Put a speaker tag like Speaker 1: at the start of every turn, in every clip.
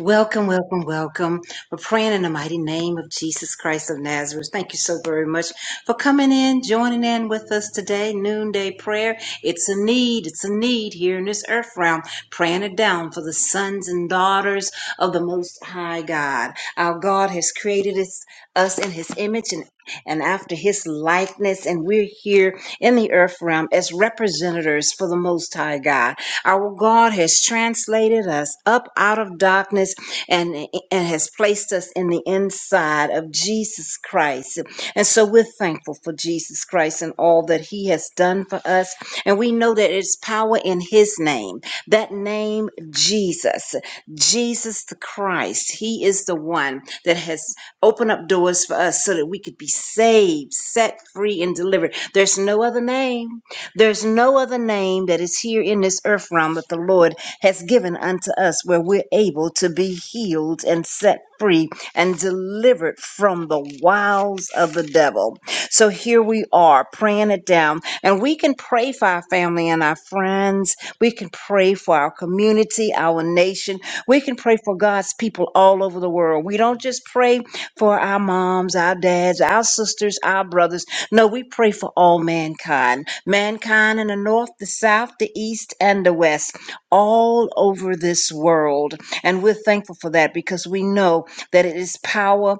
Speaker 1: Welcome, welcome, welcome. We're praying in the mighty name of Jesus Christ of Nazareth. Thank you so very much for coming in, joining in with us today, noonday prayer. It's a need, it's a need here in this earth realm, praying it down for the sons and daughters of the Most High God. Our God has created us, us in His image and and after his likeness, and we're here in the earth realm as representatives for the Most High God. Our God has translated us up out of darkness and, and has placed us in the inside of Jesus Christ. And so we're thankful for Jesus Christ and all that he has done for us. And we know that it's power in his name, that name, Jesus, Jesus the Christ. He is the one that has opened up doors for us so that we could be saved, set free, and delivered. There's no other name. There's no other name that is here in this earth realm that the Lord has given unto us where we're able to be healed and set free and delivered from the wiles of the devil. So here we are praying it down. And we can pray for our family and our friends. We can pray for our community, our nation. We can pray for God's people all over the world. We don't just pray for our moms, our dads, our sisters, our brothers no, we pray for all mankind, mankind in the north, the south, the east, and the west, all over this world. And we're thankful for that because we know that it is power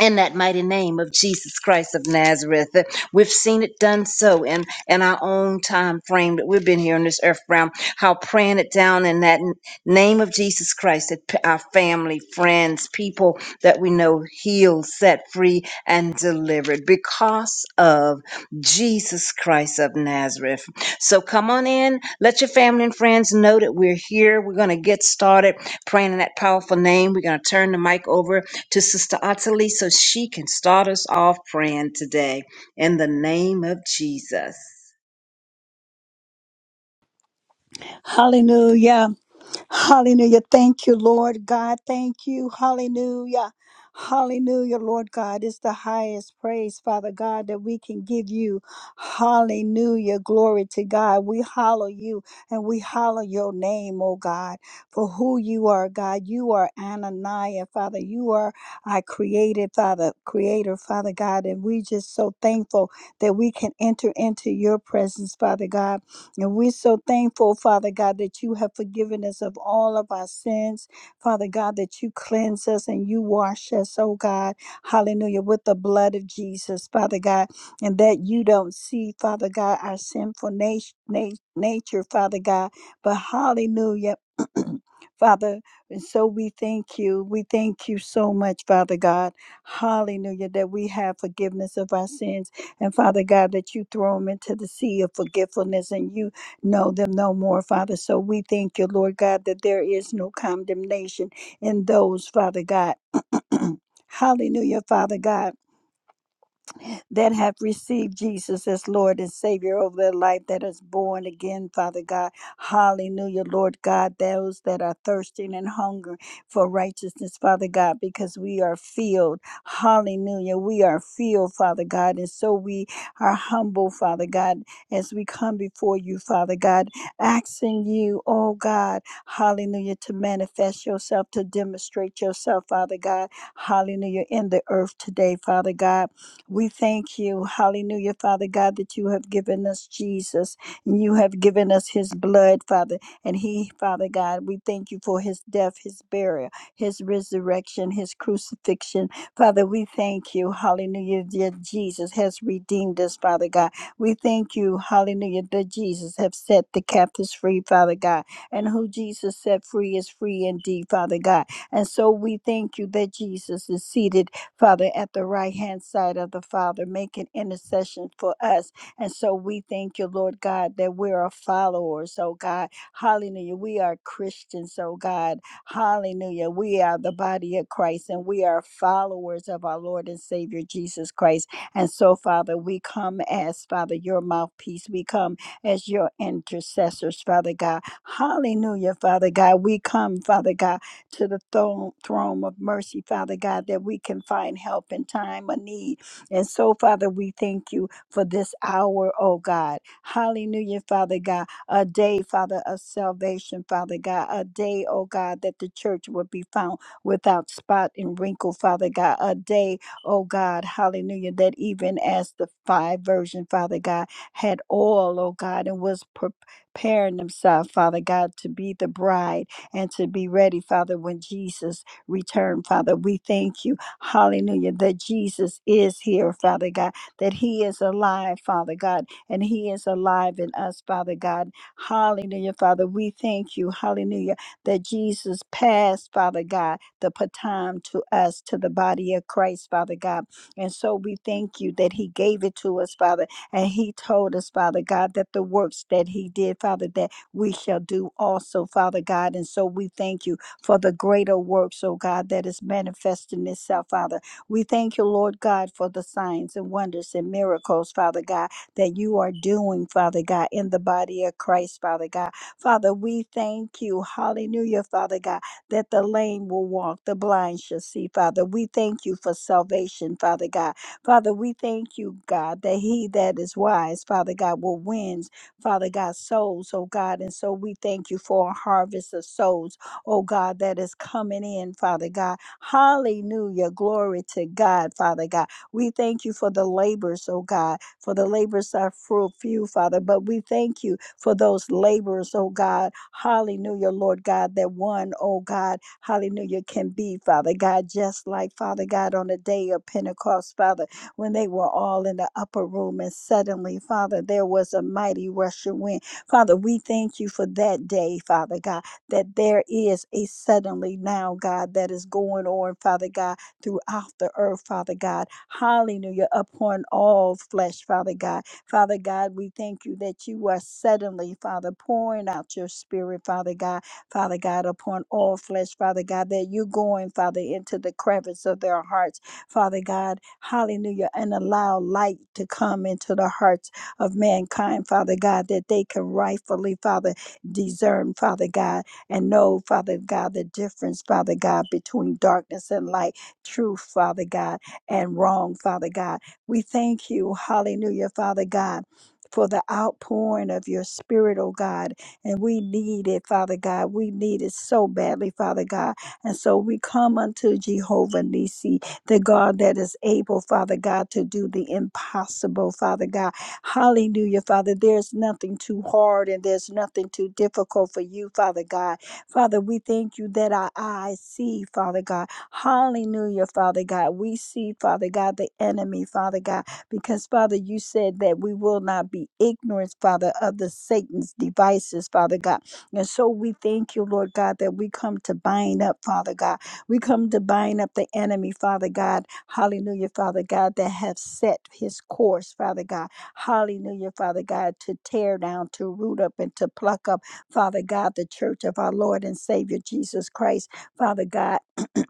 Speaker 1: in that mighty name of Jesus Christ of Nazareth. We've seen it done so in, in our own time frame that we've been here on this earth realm, how praying it down in that n- name of Jesus Christ, that p- our family, friends, people that we know healed, set free, and delivered because of Jesus Christ of Nazareth. So come on in, let your family and friends know that we're here. We're going to get started praying in that powerful name. We're going to turn the mic over to Sister Ottilie so she can start us off praying today in the name of Jesus.
Speaker 2: Hallelujah. Hallelujah. Thank you, Lord God. Thank you. Hallelujah. Hallelujah, Lord God. It's the highest praise, Father God, that we can give you. Hallelujah. Glory to God. We hallow you and we hallow your name, oh God, for who you are, God. You are Ananiah, Father. You are our created, Father, creator, Father God. And we just so thankful that we can enter into your presence, Father God. And we're so thankful, Father God, that you have forgiven us of all of our sins. Father God, that you cleanse us and you wash us, oh God. Hallelujah. With the blood of Jesus, Father God. And that you don't see, Father God, our sinful na- na- nature, Father God. But hallelujah. Father, and so we thank you. We thank you so much, Father God. Hallelujah, that we have forgiveness of our sins. And Father God, that you throw them into the sea of forgetfulness and you know them no more, Father. So we thank you, Lord God, that there is no condemnation in those, Father God. Hallelujah, Father God that have received Jesus as Lord and Savior over their life, that is born again, Father God. Hallelujah, Lord God, those that are thirsting and hungry for righteousness, Father God, because we are filled. Hallelujah, we are filled, Father God, and so we are humble, Father God, as we come before you, Father God, asking you, oh God, hallelujah, to manifest yourself, to demonstrate yourself, Father God, hallelujah, in the earth today, Father God. We thank you, hallelujah, Father God, that you have given us Jesus. and You have given us his blood, Father. And he, Father God, we thank you for his death, his burial, his resurrection, his crucifixion. Father, we thank you, hallelujah, that Jesus has redeemed us, Father God. We thank you, hallelujah, that Jesus have set the captives free, Father God. And who Jesus set free is free indeed, Father God. And so we thank you that Jesus is seated Father, at the right hand side of the Father, making intercession for us. And so we thank you, Lord God, that we are followers, oh God. Hallelujah. We are Christians, oh God. Hallelujah. We are the body of Christ and we are followers of our Lord and Savior Jesus Christ. And so, Father, we come as, Father, your mouthpiece. We come as your intercessors, Father God. Hallelujah, Father God. We come, Father God to the throne, throne of mercy, Father God, that we can find help in time of need. And so, Father, we thank you for this hour, oh God. Hallelujah, Father God. A day, Father, of salvation, Father God. A day, oh God, that the church would be found without spot and wrinkle, Father God. A day, oh God, hallelujah, that even as the five version, Father God, had oil, oh God, and was preparing themselves, Father God, to be the bride and to be ready, Father, when Jesus returned, Father. We thank you, hallelujah, that Jesus is here, Father God, that he is alive, Father God, and he is alive in us, Father God. Hallelujah, Father. We thank you, hallelujah, that Jesus passed, Father God, the baton to us, to the body of Christ, Father God. And so we thank you that he gave it to us, Father, and he told us, Father God, that the works that he did, Father, that we shall do also, Father God. And so we thank you for the greater works, oh God, that is manifesting itself, Father. We thank you, Lord God, for the signs and wonders and miracles, Father God, that you are doing, Father God, in the body of Christ, Father God. Father, we thank you, hallelujah, Father God, that the lame will walk, the blind shall see, Father. We thank you for salvation, Father God. Father, we thank you, God, that he that is wise, Father God, will win Father God, souls, oh God. And so we thank you for a harvest of souls, oh God, that is coming in, Father God. Hallelujah. Glory to God, Father God. We thank you for the labors, oh God, for the labors are fru- few, Father, but we thank you for those laborers, oh God. Hallelujah, Lord God, that one, oh God, hallelujah, can be, Father God, just like Father God on the day of Pentecost, Father when they were all in the upper room. And suddenly, Father, there was a mighty rushing wind. Father, we thank you for that day, Father God, that there is a suddenly now, God, that is going on, Father God, throughout the earth, Father God. Hallelujah, upon all flesh, Father God. Father God, we thank you that you are suddenly, Father, pouring out your spirit, Father God, Father God, upon all flesh, Father God, that you're going, Father, into the crevice of their hearts. Father God. Hallelujah. And allow light to come into the hearts of mankind, Father God, that they can rightfully, Father, discern, Father God, and know, Father God, the difference, Father God, between darkness and light, truth, Father God, and wrong, Father God. We thank you, hallelujah, Father God. For the outpouring of your spirit, oh God. And we need it, Father God. We need it so badly, Father God. And so we come unto Jehovah Nisi the God that is able, Father God, to do the impossible, Father God. Hallelujah, Father. There's nothing too hard and there's nothing too difficult for you, Father God. Father, we thank you that our eyes see, Father God. Hallelujah, Father God. We see, Father God, the enemy, Father God, because, Father, you said that we will not be ignorant, Father, of the Satan's devices, Father God. And so we thank you, Lord God, that we come to bind up, Father God. We come to bind up the enemy, Father God. Hallelujah, Father God, that have set his course, Father God. Hallelujah, Father God, to tear down, to root up, and to pluck up, Father God, the church of our Lord and Savior Jesus Christ, Father God.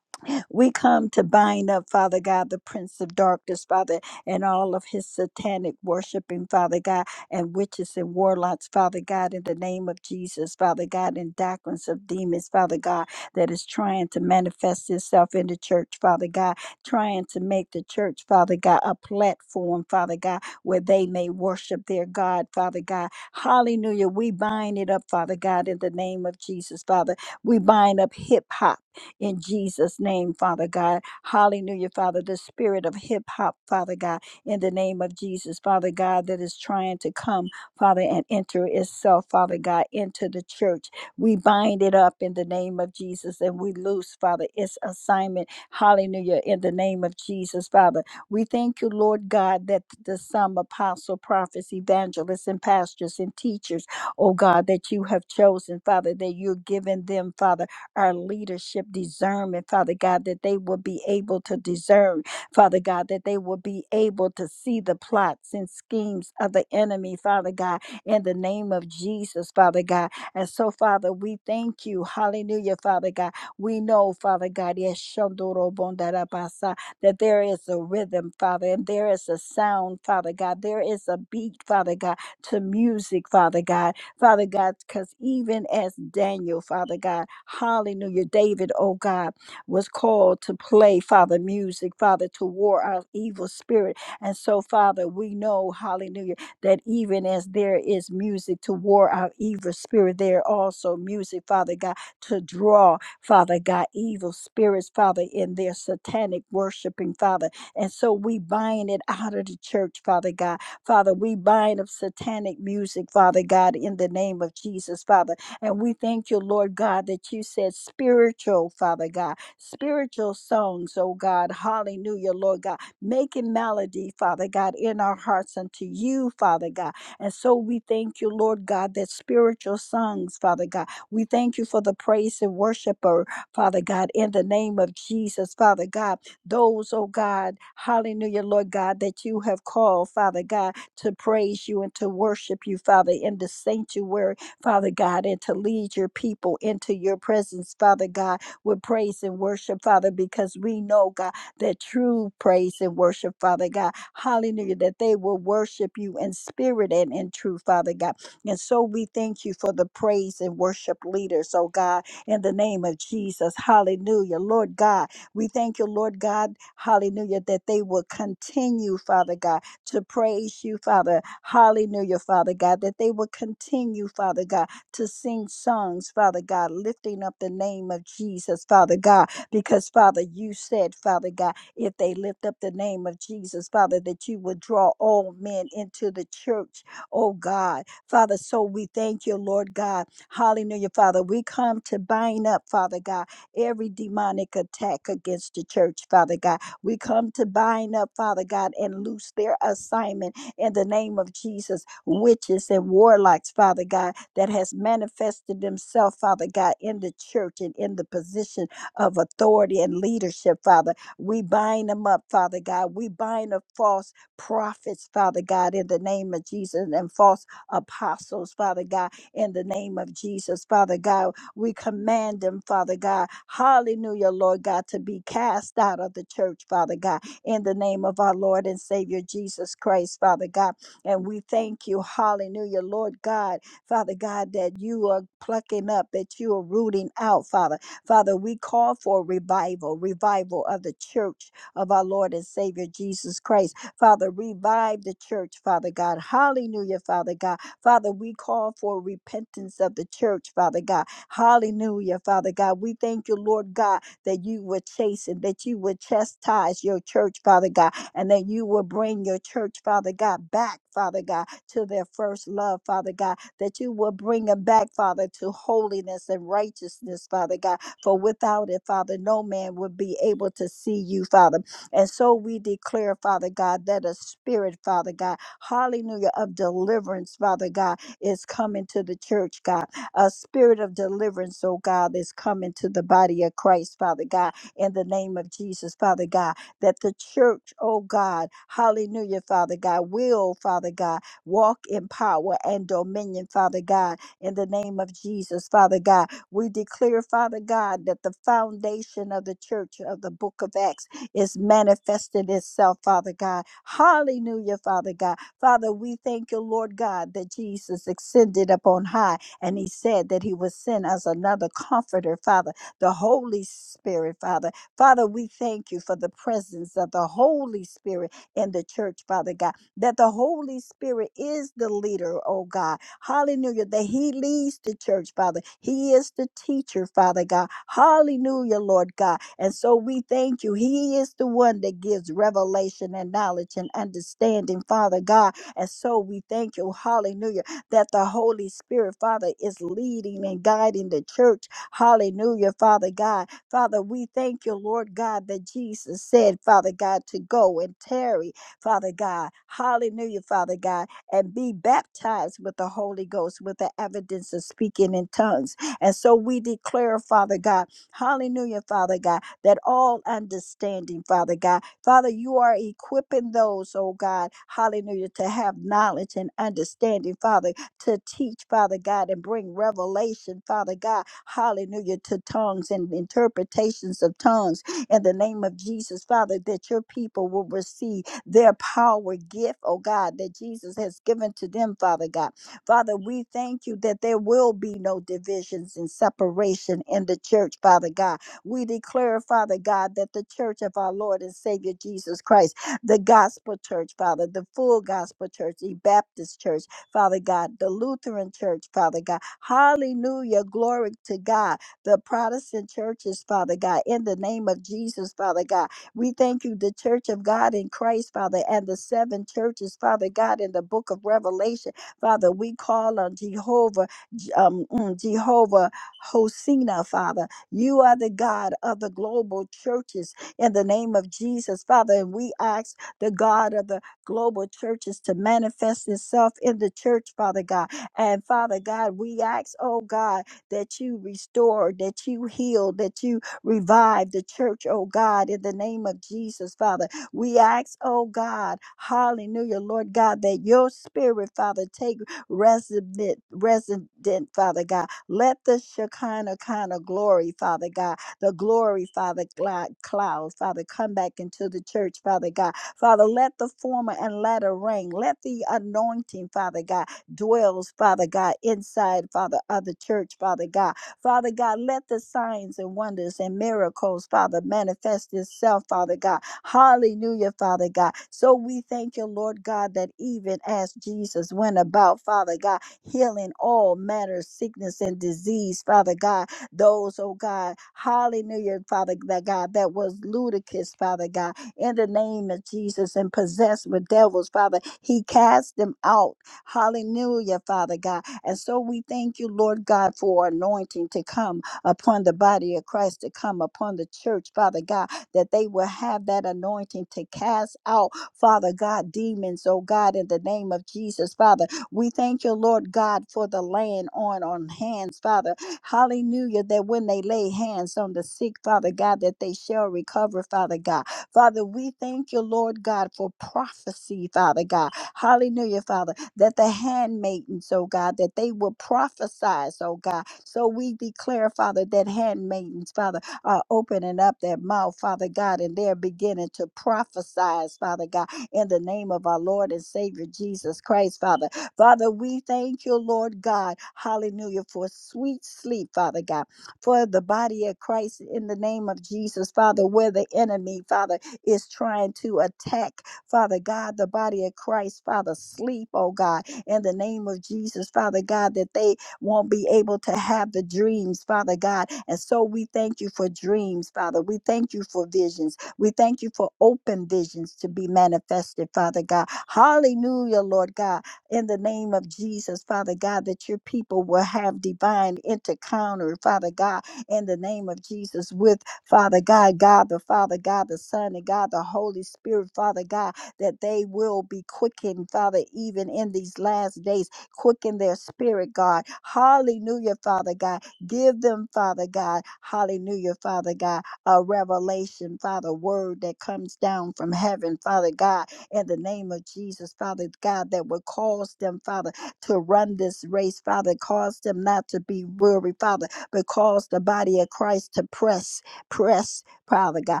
Speaker 2: We come to bind up, Father God, the prince of darkness, Father, and all of his satanic worshiping, Father God, and witches and warlocks, Father God, in the name of Jesus, Father God, and doctrines of demons, Father God, that is trying to manifest itself in the church, Father God, trying to make the church, Father God, a platform, Father God, where they may worship their God, Father God. Hallelujah. We bind it up, Father God, in the name of Jesus, Father. We bind up hip hop in Jesus' name, Father God. Hallelujah, Father. The spirit of hip hop, Father God, in the name of Jesus, Father God, that is trying to come, Father, and enter itself, Father God, into the church. We bind it up in the name of Jesus and we loose, Father, its assignment. Hallelujah, in the name of Jesus, Father. We thank you, Lord God, that the some apostle, prophets, evangelists, and pastors and teachers, oh God, that you have chosen, Father, that you're giving them, Father our leadership discernment, Father God, that they will be able to discern, Father God, that they will be able to see the plots and schemes of the enemy, Father God, in the name of Jesus, Father God. And so, Father, we thank you. Hallelujah, Father God. We know, Father God, yes, Shandoro Bondarabasa, that there is a rhythm, Father, and there is a sound, Father God. There is a beat, Father God, to music, Father God. Father God, because even as Daniel, Father God, hallelujah, David, oh God, was called to play, Father, music, Father, to war our evil spirit. And so, Father, we know, hallelujah, that even as there is music to war our evil spirit, there also music, Father God, to draw, Father God, evil spirits, Father, in their satanic worshiping, Father. And so we bind it out of the church, Father God Father, we bind up satanic music, Father God, in the name of Jesus, Father. And we thank you, Lord God, that you said spiritual, Father God, spiritual songs, oh God. Hallelujah, Lord God. Making melody, Father God, in our hearts unto you, Father God. And so we thank you, Lord God, that spiritual songs, Father God. We thank you for the praise and worshiper, Father God, in the name of Jesus, Father God. Those, oh God, hallelujah, Lord God, that you have called, Father God to praise you and to worship you, Father, in the sanctuary, Father God, and to lead your people into your presence, Father God, with praise and worship, Father, because we know, God, that true praise and worship, Father God, hallelujah, that they will worship you in spirit and in truth, Father God. And so we thank you for the praise and worship leaders, oh God, in the name of Jesus, hallelujah, Lord God. We thank you, Lord God, hallelujah, that they will continue, Father God to praise you, Father. Hallelujah, Father God, that they will continue, Father God, to sing songs, Father God, lifting up the name of Jesus, Father God, because, Father, you said, Father God, if they lift up the name of Jesus, Father, that you would draw all men into the church, oh God. Father, so we thank you, Lord God. Hallelujah, Father. We come to bind up, Father God, every demonic attack against the church, Father God we come to bind up, Father God, and loose their assignment in the name of Jesus. Witches and warlocks, Father God, that has manifested themselves, Father God, in the church and in the position of authority and leadership, Father. We bind them up, Father God. We bind up false prophets, Father God, in the name of Jesus, and false apostles, Father God, in the name of Jesus, Father God. We command them, Father God. Hallelujah, Lord God, to be cast out of the church, Father God, in the name of our Lord and Savior Jesus Christ, Father God. And we thank you, hallelujah, Lord God, Father God, that you are plucking up, that you are rooting out, Father. Father, we call for revival, revival of the church of our Lord and Savior Jesus Christ. Father, revive the church, Father God. Hallelujah, Father God. Father, we call for repentance of the church, Father God. Hallelujah, Father God. We thank you, Lord God, that you were chasing, that you would chastise your church, Father God, and that you will bring your church, Father God, back, Father God, to their first love, Father God, that you will bring them back, Father, to holiness and righteousness, Father God. For without it, Father, no man would be able to see you, Father. And so we declare, Father God, that a spirit, Father God, hallelujah, of deliverance, Father God, is coming to the church, God a spirit of deliverance, oh God, that's coming to the body of Christ, Father God, in the name of Jesus, Father God, that the church, oh God, hallelujah, Father God, will, Father God, walk in power and dominion, Father God, in the name of Jesus, Father God. We declare, Father God, that the foundation of the church of the book of Acts is manifested itself, Father God. Hallelujah, Father God. Father, we thank you, Lord God, that Jesus ascended upon high and he said that he would send us another comforter, Father, the Holy Spirit, Father. Father, we thank you for the presence of the Holy Spirit in the church, Father God, that the Holy Spirit is the leader, oh God. Hallelujah. That he leads the church, Father. He is the teacher, Father God. Hallelujah, Lord God. And so we thank you. He is the one that gives revelation and knowledge and understanding, Father God. And so we thank you. Hallelujah that the Holy Spirit, Father, is leading and guiding the church. Hallelujah, Father God. Father, we thank you, Lord God, that Jesus said, Father God, to go and tarry, Father God. Hallelujah, Father God, and be baptized with the Holy Ghost with the evidence of speaking in tongues. And so we declare, Father God, hallelujah, Father God, that all understanding, Father God, Father, you are equipping those, oh God, hallelujah, to have knowledge and understanding, Father to teach, Father God, and bring revelation, Father God, hallelujah, to tongues and interpretations of tongues in the name of Jesus, Father, that your people will receive their power gift, oh God, that Jesus has given to them, Father God. Father, we thank you that there will be no divisions and separation in the church, Father God. We declare, Father God, that the church of our Lord and Savior Jesus Christ, the gospel church, Father, the full gospel church, the Baptist church, Father God, the Lutheran Church, Father God. Hallelujah. Glory to God. The Protestant churches, Father God, in the name of Jesus, Father God. We thank you, the Church of God in Christ, Father, and the seven churches, Father God, in the book of Revelation. Father, we call on Jehovah, J- um, mm, Jehovah Hosina, Father. You are the God of the global churches in the name of Jesus, Father. And we ask the God of the global churches to manifest itself in the church, Father God. And Father God, we ask, oh God, that you restore, that you heal, that you revive the church, oh God, in the name of Jesus, Father. We ask, oh God, hallelujah, Lord God, that your spirit, Father, take resident, resident, Father God. Let the Shekinah kind of glory, Father God, the glory, Father, cloud, cloud, Father, come back into the church, Father God Father, let the former and latter rain. Let the anointing, Father God, dwells, Father God, inside, Father, of the church, Father God. Father God, let the signs and wonders and miracles, Father, manifest itself, Father God. Hallelujah, Father God. So we thank you, Lord God, that even as Jesus went about, Father God, healing all manner of sickness and disease, Father God, those, oh God, hallelujah, Father that God, that was ludicrous, Father God in the name of Jesus and possessed with devils, Father. He cast them out. Hallelujah, Father God. And so we thank you, Lord God, for anointing to come upon the body of Christ, to come upon the church, Father God, that they will have that anointing to cast out, Father God, demons, oh God, in the name of Jesus, Father. We thank you, Lord God, for the laying on on hands, Father. Hallelujah, that when they lay hands on the sick, Father God, that they shall recover, Father God. Father, we thank you, Lord God, for prophecy, Father God. Hallelujah, Father, that the handmaidens, oh God, that they will prophesy, oh God. So we declare, Father, that handmaidens, Father, are opening up their mouth, Father God, and they're beginning to prophesy, Father God, in the name of our Lord and Savior Jesus Christ, Father. Father, we thank you, Lord God, hallelujah, for sweet sleep, Father God for the body of Christ in the name of Jesus, Father, where the enemy, Father, is trying to attack, Father God, the body of Christ, Father, sleep, oh God, in the name of Jesus, Father God, that they won't be able to have the dreams, Father God. And so we thank you for dreams, Father. We thank you for visions. We thank you for open visions to be manifested, Father God. Hallelujah, Lord God in the name of Jesus, Father God, that your people will have divine encounter, Father God, in the name of Jesus, with Father God, God the Father, God the Son, and God the Holy Spirit, Father God, that they will be quickened, Father, even in these last days, quicken their spirit, God. Hallelujah, Father God. Give them, Father God, hallelujah, Father God, a revelation, Father, word that comes down from heaven, Father God in the name of Jesus, Father God, that would cause them, Father, to run this race, Father, cause them not to be weary, Father, but cause the body of Christ to press, press, Father God,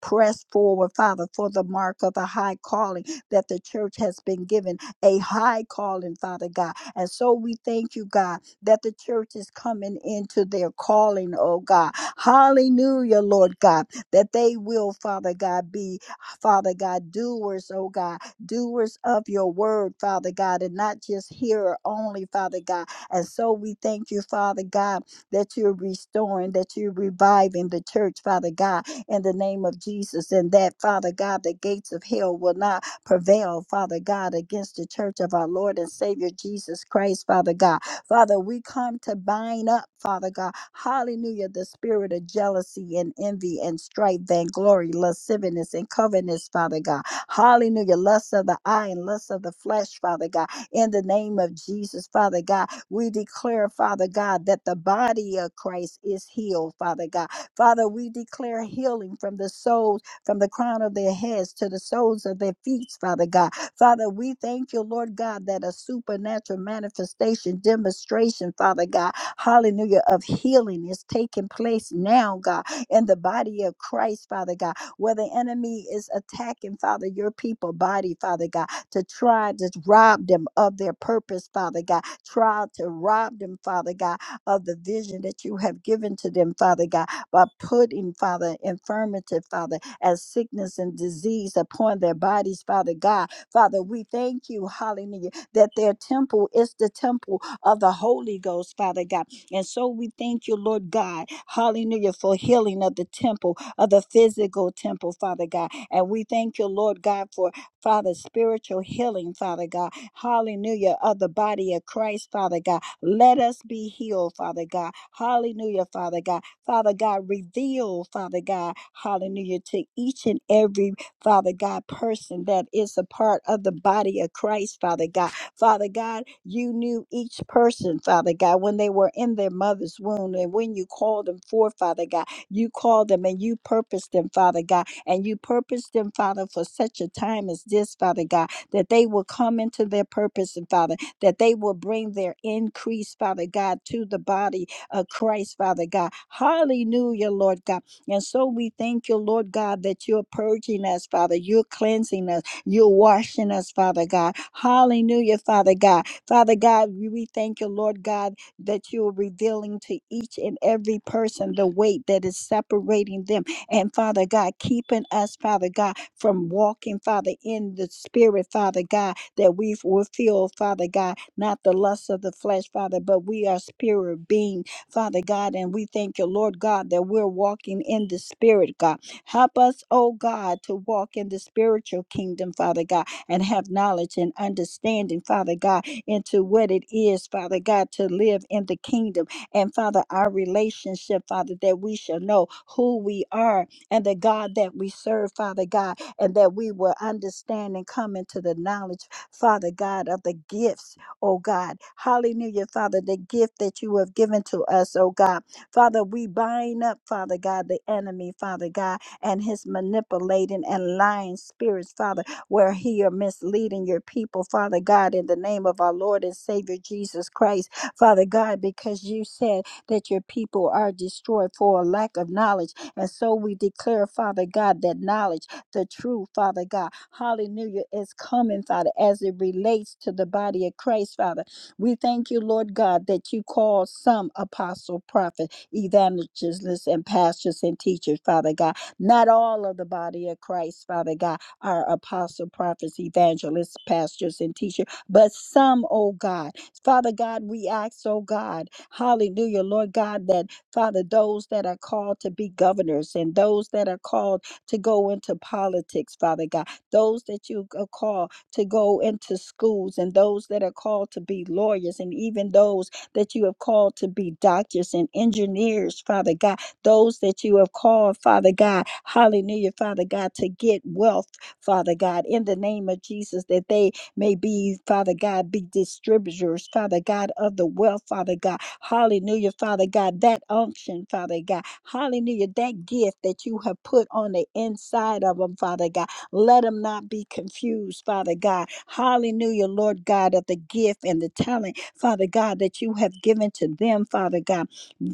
Speaker 2: press forward, Father, for the mark of the high calling that the church has been given, a high calling, Father God. And so we thank you, God, that the church is coming into their calling, oh God. Hallelujah, Lord God, that they will, Father God, be, Father God, doers, oh God doers of your word, Father God, and not just hearer only, Father God. And so we thank you, Father God, that you're restoring, that you're reviving the church, Father God, in the name of Jesus. And that, Father God, the gates of hell will not prevail, Father God, against the church of our Lord and Savior Jesus Christ, Father God. Father, we come to bind up, Father God, hallelujah, the spirit of jealousy and envy and strife, vainglory, lasciviousness and covetousness, Father God. Hallelujah, lust of the eye and lust of the flesh, Father God. In the name of Jesus, Father God, we declare, Father God, that the body of Christ is healed, Father God. Father, we declare healing from the souls, from the crown of their heads to the soles of their feet, Father God Father, we thank you, Lord God, that a supernatural manifestation, demonstration, Father God, hallelujah, of healing is taking place now, God, in the body of Christ, Father God, where the enemy is attacking, Father, your people body, Father God, to try to rob them of their purpose, Father God, try to rob them, Father God, of the vision that you have given to them, Father God, by putting, Father, infirmity, Father, as sickness and disease upon their bodies, Father God, Father, we thank you, hallelujah, that their temple is the temple of the Holy Ghost, Father God. And so we thank you, Lord God, hallelujah, for healing of the temple, of the physical temple, Father God. And we thank you, Lord God, for Father, spiritual healing, Father God, hallelujah, of the body of Christ, Father God. Let us be healed, Father God, hallelujah, Father God. Father God, reveal, Father God, hallelujah, to each and every Father God, person that is a part of the body of Christ, Father God. Father God, you knew each person, Father God, when they were in their mother's womb. And when you called them forth, Father God, you called them and you purposed them, Father God. And you purposed them, Father, for such a time as this, Father God, that they will come into their purpose, and Father, that they will bring their increase, Father God, to the body of Christ, Father God. Hallelujah, Lord God. And so we thank you, Lord God, that you're purging us, Father. You're cleansing us. You're washing us, Father God. Hallelujah, Father God. Father God, we we thank you, Lord God, that you're revealing to each and every person the weight that is separating them. And Father God, keeping us, Father God, from walking, Father, in the spirit, Father God, that we will feel, Father God, not the lust of the flesh, Father, but we are spirit being Father God. And we thank you, Lord God, that we're walking in the Spirit, God. Help us, oh God, to walk in the spiritual kingdom, Father God, and have knowledge and understanding, Father God, into what it is, Father God, to live in the kingdom. And Father, our relationship, Father, that we shall know who we are and the God that we serve, Father God, and that we will understand and come into the knowledge, Father God, of the gifts oh God. Hallelujah, Father, the gift that you have given to us, oh God. Father, we bind up, Father God, the enemy, Father God, and his manipulating and lying spirits, Father, where he are misleading your people, Father God, in the name of our Lord and Savior Jesus Christ, Father God, because you said that your people are destroyed for a lack of knowledge. And so we declare, Father God, that knowledge the truth, Father God. Hallelujah. It's coming, Father, as it relates to the body of Christ, Father. We thank you, Lord God, that you call some apostle, prophet, evangelists, and pastors and teachers, Father God. Not all of the body of Christ, Father God, are apostle, prophets, evangelists, pastors, and teachers, but some, oh God. Father God, we ask, oh God, hallelujah, Lord God, that Father, those that are called to be governors and those that are called to go into politics, Father God, those that you c- call to go into schools, and those that are called to be lawyers, and even those that you have called to be doctors and engineers, Father God, those that you have called, Father God, hallelujah, Father God, to get wealth, Father God, in the name of Jesus, that they may be, Father God, be distributors, Father God, of the wealth, Father God. Hallelujah, Father God, that unction, Father God. Hallelujah, that gift that you have put on the inside of them, Father God. Let them not be confused, Father God. Hallelujah, Lord God, of the gift and the talent, Father God, that you have given to them, Father God.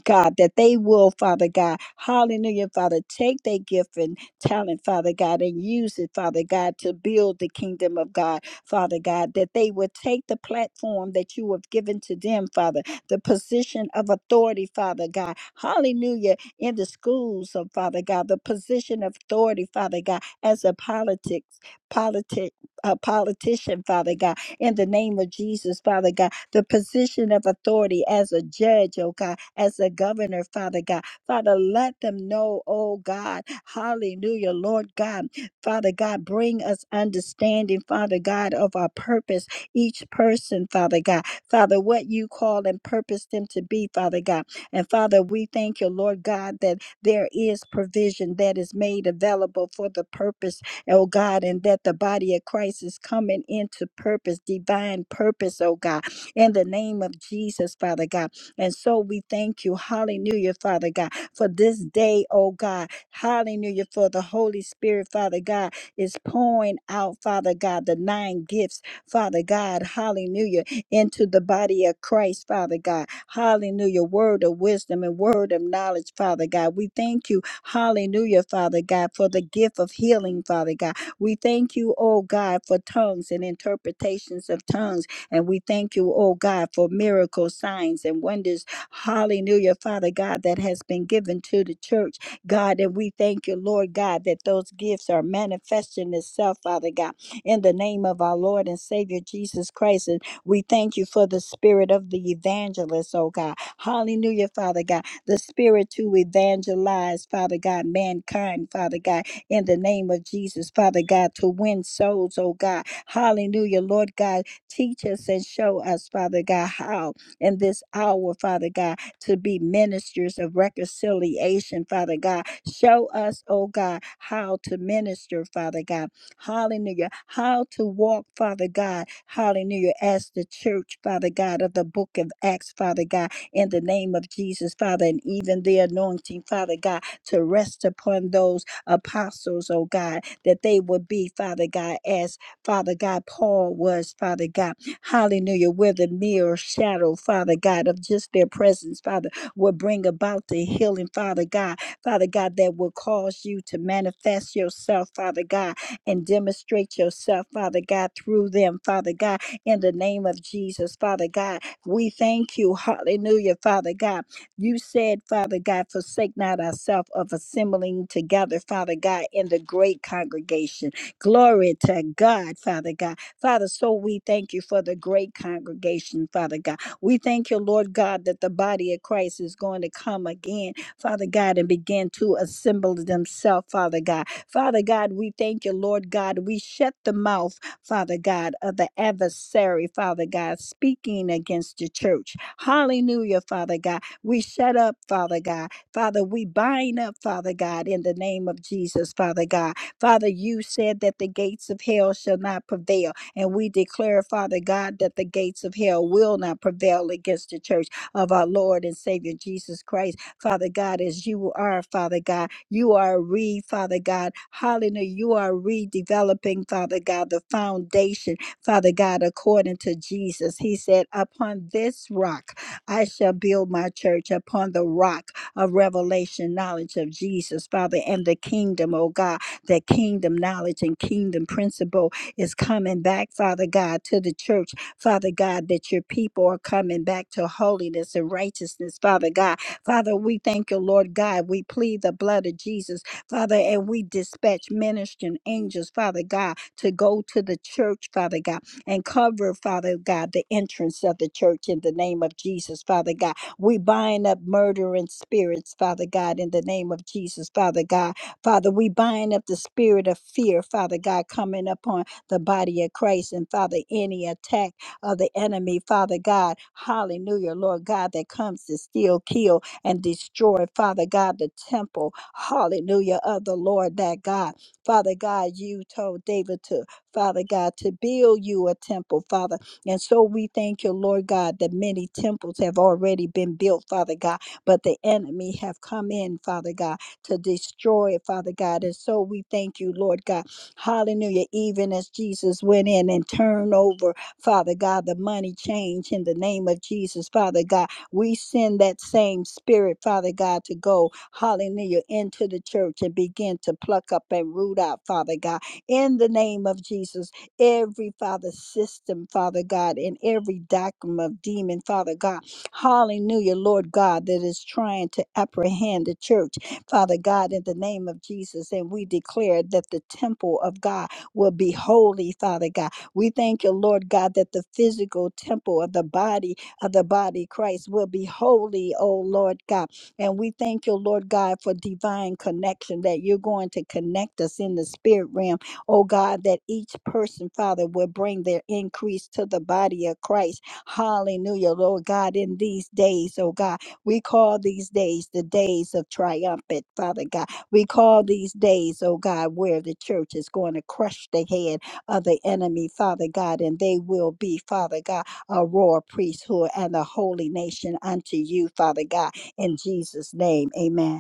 Speaker 2: God, that they will, Father God, hallelujah, Father, take their gift and talent, Father God, and use it, Father God, to build the kingdom of God. Father God, that they would take the platform that you have given to them, Father, the position of authority, Father God. Hallelujah. In the schools of Father God, the position of authority, Father God, as a politics, politic. A politician, Father God, in the name of Jesus, Father God, the position of authority as a judge, oh God, as a governor, Father God, Father, let them know, oh God, hallelujah, Lord God Father God, bring us understanding, Father God, of our purpose, each person, Father God. Father, what you call and purpose them to be, Father God. And Father, we thank you, Lord God, that there is provision that is made available for the purpose, oh God, and that the body of Christ is coming into purpose, divine purpose, oh God, in the name of Jesus, Father God. And so we thank you, hallelujah, Father God, for this day, oh God. Hallelujah. For the Holy Spirit, Father God, is pouring out, Father God, the nine gifts, Father God. Hallelujah. Into the body of Christ, Father God. Hallelujah. Word of wisdom and word of knowledge, Father God. We thank you. Hallelujah, Father God, for the gift of healing, Father God. We thank you, oh God, for tongues and interpretations of tongues. And we thank you, oh God, for miracle signs, and wonders. Hallelujah, Father God, that has been given to the church. God. And we thank you, Lord God, that those gifts are manifesting itself, Father God, in the name of our Lord and Savior Jesus Christ. And we thank you for the spirit of the evangelist, oh God. Hallelujah, Father God. The spirit to evangelize, Father God, mankind, Father God, in the name of Jesus, Father God, to win souls, oh God. Hallelujah, Lord God. Teach us and show us, Father God, how in this hour, Father God to be ministers of reconciliation, Father God. Show us, oh God, how to minister, Father God. Hallelujah. How to walk, Father God. Hallelujah. As the church, Father God, of the book of Acts, Father God, in the name of Jesus, Father, and even the anointing, Father God, to rest upon those apostles, oh God, that they would be, Father God, as Father God Paul was, Father God. Hallelujah. Where the mere shadow, Father God, of just their presence, Father, will bring about the healing, Father God. Father God, that will cause you to manifest yourself, Father God, and demonstrate yourself, Father God, through them, Father God, in the name of Jesus, Father God. We thank you. Hallelujah, Father God. You said, Father God, forsake not ourselves of assembling together, Father God, in the great congregation. Glory to God, Father God. Father, so we thank you for the great congregation, Father God. We thank you, Lord God, that the body of Christ is going to come again, Father God, and begin to assemble themselves, Father God. Father God, we thank you, Lord God. We shut the mouth, Father God, of the adversary, Father God, speaking against the church. Hallelujah, Father God. We shut up, Father God. Father, we bind up, Father God, in the name of Jesus, Father God. Father, you said that the gates of hell shall not prevail. And we declare, Father God, that the gates of hell will not prevail against the church of our Lord and Savior Jesus Christ. Father God, as you are, Father God, you are re, Father God, hallelujah, you are redeveloping, Father God, the foundation, Father God, according to Jesus. He said, Upon this rock I shall build my church, upon the rock of revelation, knowledge of Jesus, Father, and the kingdom, oh God, the kingdom knowledge and kingdom principle is coming back, Father God, to the church. Father God, that your people are coming back to holiness and righteousness, Father God. Father, we thank you, Lord God. We plead the blood of Jesus, Father, and we dispatch ministering angels, Father God, to go to the church, Father God, and cover, Father God, the entrance of the church in the name of Jesus, Father God. We bind up murdering spirits, Father God, in the name of Jesus, Father God. Father, we bind up the spirit of fear, Father God, coming upon the body of Christ. And Father, any attack of the enemy, Father God, hallelujah, Lord God, that comes to steal, kill, and destroy, Father God, the temple, hallelujah, of the Lord that God. Father God, you told David to, Father God, to build you a temple, Father. And so we thank you, Lord God, that many temples have already been built, Father God, but the enemy have come in, Father God, to destroy it, Father God. And so we thank you, Lord God Hallelujah. Even as Jesus went in and turned over, Father God, the money change in the name of Jesus, Father God. We send that same spirit, Father God, to go, hallelujah, into the church and begin to pluck up and root out, Father God, in the name of Jesus, every Father system, Father God, and every doctrine of demon, Father God. Hallelujah, Lord God, that is trying to apprehend the church Father God, in the name of Jesus. And we declare that the temple of God will be holy, Father God. We thank you, Lord God, that the physical temple of the body of the body Christ will be holy, oh Lord God. And we thank you, Lord God, for divine connection that you're going to connect us in the spirit realm, oh God, that each person, Father, will bring their increase to the body of Christ. Hallelujah, Lord God, in these days, oh God. We call these days the days of triumphant, Father God. We call these days, oh God, where the church is going to crush the head of the enemy, Father God, and they will be, Father God, a royal priesthood and a holy nation unto you, Father God, in Jesus' name. Amen.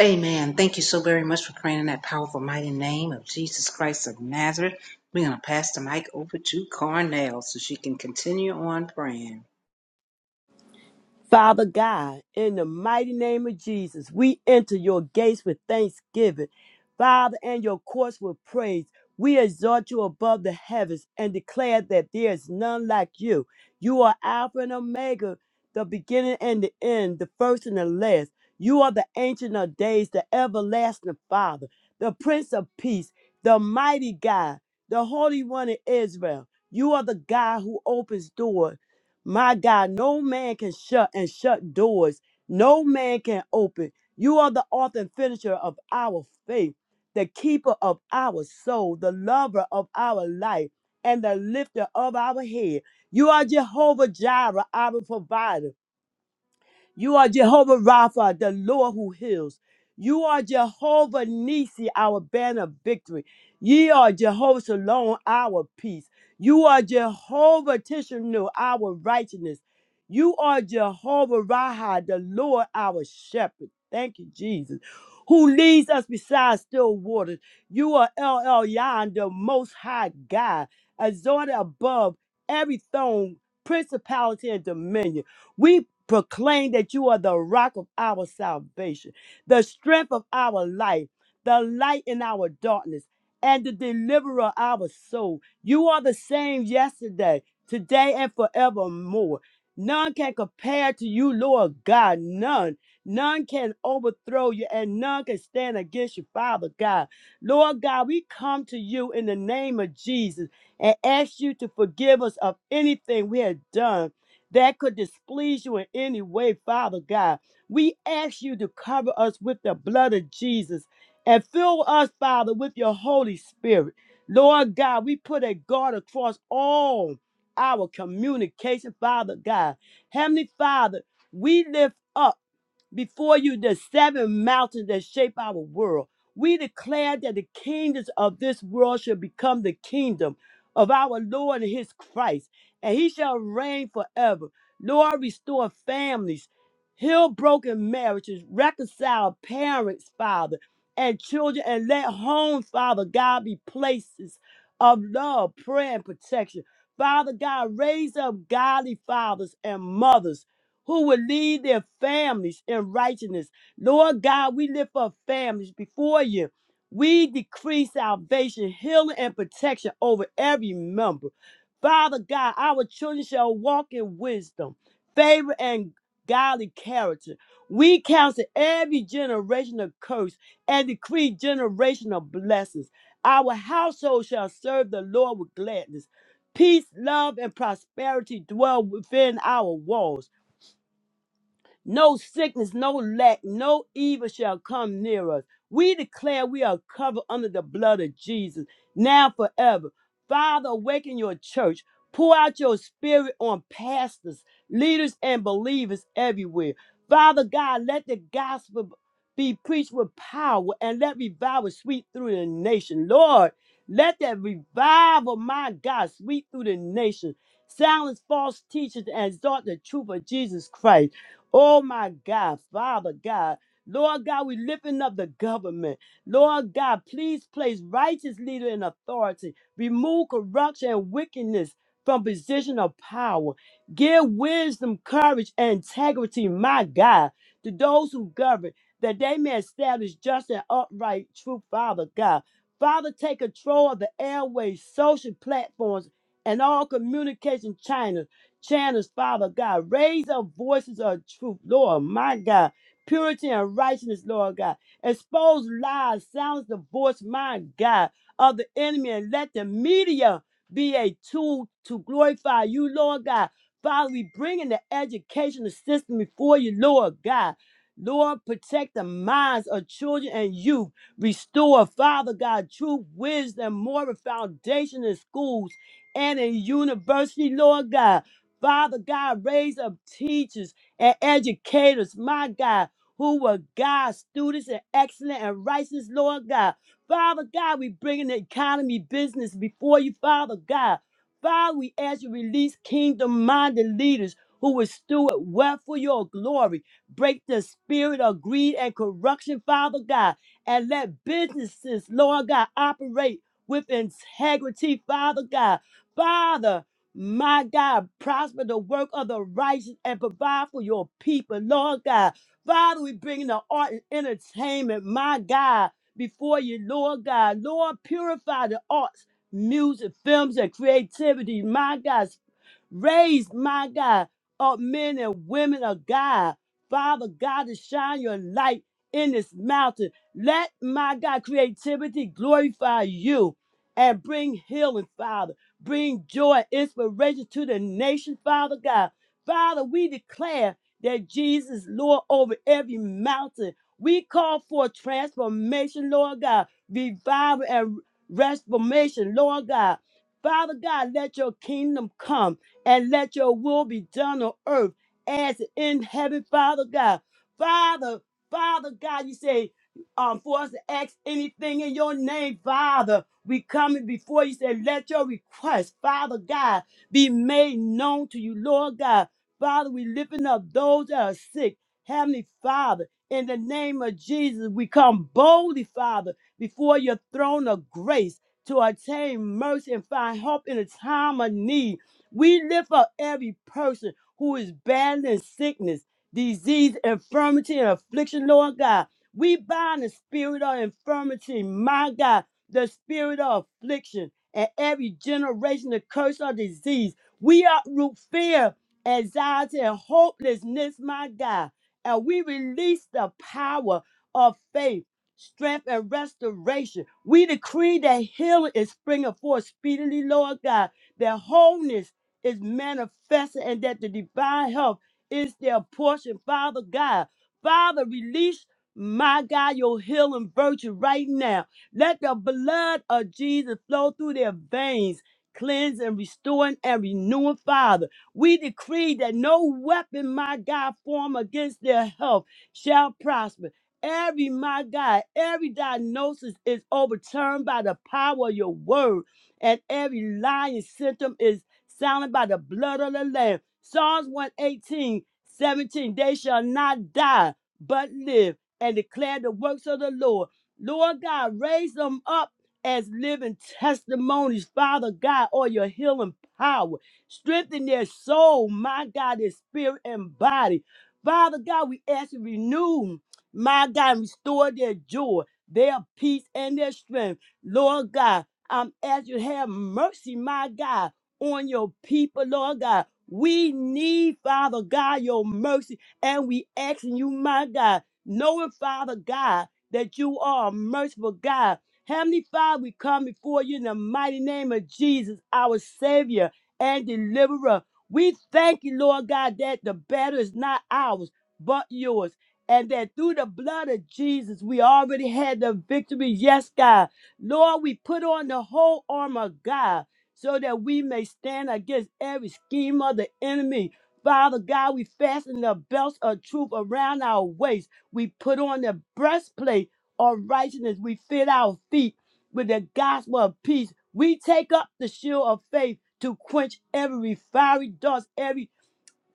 Speaker 1: Amen. Thank you so very much for praying in that powerful, mighty name of Jesus Christ of Nazareth. We're going to pass the mic over to Carnell so she can continue on praying.
Speaker 3: Father God, in the mighty name of Jesus, we enter your gates with thanksgiving, Father, and your courts with praise. We exalt you above the heavens and declare that there is none like you. You are Alpha and Omega, the beginning and the end, the first and the last. You are the Ancient of Days, the everlasting Father, the Prince of Peace, the mighty God, the Holy One of Israel. You are the God who opens doors my God, no man can shut and shut doors. No man can open. You are the author and finisher of our faith, the keeper of our soul, the lover of our life, and the lifter of our head. You are Jehovah Jireh, our provider. You are Jehovah Rapha, the Lord who heals. You are Jehovah Nisi, our banner of victory. Ye are Jehovah Shalom, our peace. You are Jehovah Tishanu, our righteousness. You are Jehovah Raha, the Lord, our shepherd. Thank you, Jesus. Who leads us beside still waters. You are El Elyon, the most high God, exalted above every throne, principality, and dominion. We proclaim that you are the rock of our salvation, the strength of our life, the light in our darkness, and the deliverer of our soul. You are the same yesterday, today, and forevermore. None can compare to you, Lord God. None. None can overthrow you, and none can stand against you, Father God. Lord God, we come to you in the name of Jesus and ask you to forgive us of anything we have done that could displease you in any way, Father God. We ask you to cover us with the blood of Jesus and fill us, Father, with your Holy Spirit. Lord God, we put a guard across all our communication, Father God. Heavenly Father, we lift up before you the seven mountains that shape our world. We declare that the kingdoms of this world shall become the kingdom of our Lord and his Christ, and he shall reign forever. Lord, restore families, heal broken marriages, reconcile parents, Father, and children, and let homes, Father God, be places of love, prayer, and protection. Father God, raise up godly fathers and mothers who will lead their families in righteousness. Lord God, we lift up families before you. We decree salvation, healing, and protection over every member. Father God, our children shall walk in wisdom, favor, and godly character. We counsel every generation of curse and decree generational blessings. Our household shall serve the Lord with gladness. Peace, love, and prosperity dwell within our walls. No sickness, no lack, no evil shall come near us. We declare we are covered under the blood of Jesus, now forever. Father, awaken your church. Pour out your spirit on pastors, leaders, and believers everywhere. Father God, let the gospel be preached with power and let revival sweep through the nation. Lord, let that revival, my God, sweep through the nation. Silence false teachers and exalt the truth of Jesus Christ. Oh my God, Father God. Lord God, we lifting up the government. Lord God, please place righteous leader in authority. Remove corruption and wickedness from position of power. Give wisdom, courage, and integrity, my God, to those who govern, that they may establish just and upright true, Father God. Father, take control of the airways, social platforms, and all communication channels channels, Father God. Raise up voices of truth, Lord, my God. Purity and righteousness, Lord God. Expose lies, silence the voice, my God, of the enemy, and let the media be a tool to glorify you, Lord God. Father, we bring in the educational system before you, Lord God. Lord, protect the minds of children and youth. Restore, Father God, true wisdom, moral foundation in schools and in university, Lord God. Father God, raise up teachers and educators, my God, who will guide students in excellent and righteous, Lord God. Father God, we bring in the economy business before you, Father God. Father, we ask you release kingdom-minded leaders who will steward well for your glory. Break the spirit of greed and corruption, Father God, and let businesses, Lord God, operate with integrity, Father God. Father, my God, prosper the work of the righteous and provide for your people, Lord God. Father, we bring the art and entertainment, my God, before you, Lord God. Lord, purify the arts, music, films, and creativity, my God. Raise, my God, up men and women of God. Father God, to shine your light in this mountain. Let my God creativity glorify you and bring healing, Father. Bring joy, inspiration to the nation, Father God. Father, we declare that Jesus, is Lord, over every mountain. We call for transformation, Lord God, revival and reformation, Lord God. Father God, let your kingdom come and let your will be done on earth as in heaven, Father God. Father, Father God, you say, um, for us to ask anything in your name, Father. We coming before you say, let your request, Father God, be made known to you, Lord God. Father, we lifting up those that are sick. Heavenly Father, in the name of Jesus, we come boldly, Father, before your throne of grace to attain mercy and find help in a time of need. We lift up every person who is battling sickness, disease, infirmity, and affliction, Lord God. We bind the spirit of infirmity, my God the spirit of affliction, and every generation of curse or disease. We uproot fear, anxiety, and hopelessness, my God. And we release the power of faith, strength, and restoration. We decree that healing is springing forth speedily, Lord God, that wholeness is manifesting, and that the divine health is their portion, Father God. Father, release, my God, your healing virtue right now let the blood of Jesus flow through their veins, cleanse and restoring and renewing, Father. We decree that no weapon, my God, form against their health shall prosper. Every, my God, every diagnosis is overturned by the power of your word, and every lying symptom is silent by the blood of the Lamb. Psalms 118, 17, they shall not die, but live and declare the works of the Lord. Lord God, raise them up as living testimonies, Father God, or your healing power. Strengthen their soul, my God, their spirit and body. Father God, we ask you to renew, my God, and restore their joy, their peace, and their strength. Lord God, I'm asking you to have mercy, my God, on your people, Lord God. We need, Father God, your mercy, and we asking you, my God, knowing, Father God, that you are a merciful God. Heavenly Father, we come before you in the mighty name of Jesus, our Savior and Deliverer. We thank you, Lord God, that the battle is not ours, but yours. And that through the blood of Jesus, we already had the victory. Yes, God. Lord, we put on the whole armor of God so that we may stand against every scheme of the enemy. Father God, we fasten the belts of truth around our waist we put on the breastplate of righteousness. We fit our feet with the gospel of peace. We take up the shield of faith to quench every fiery dust, every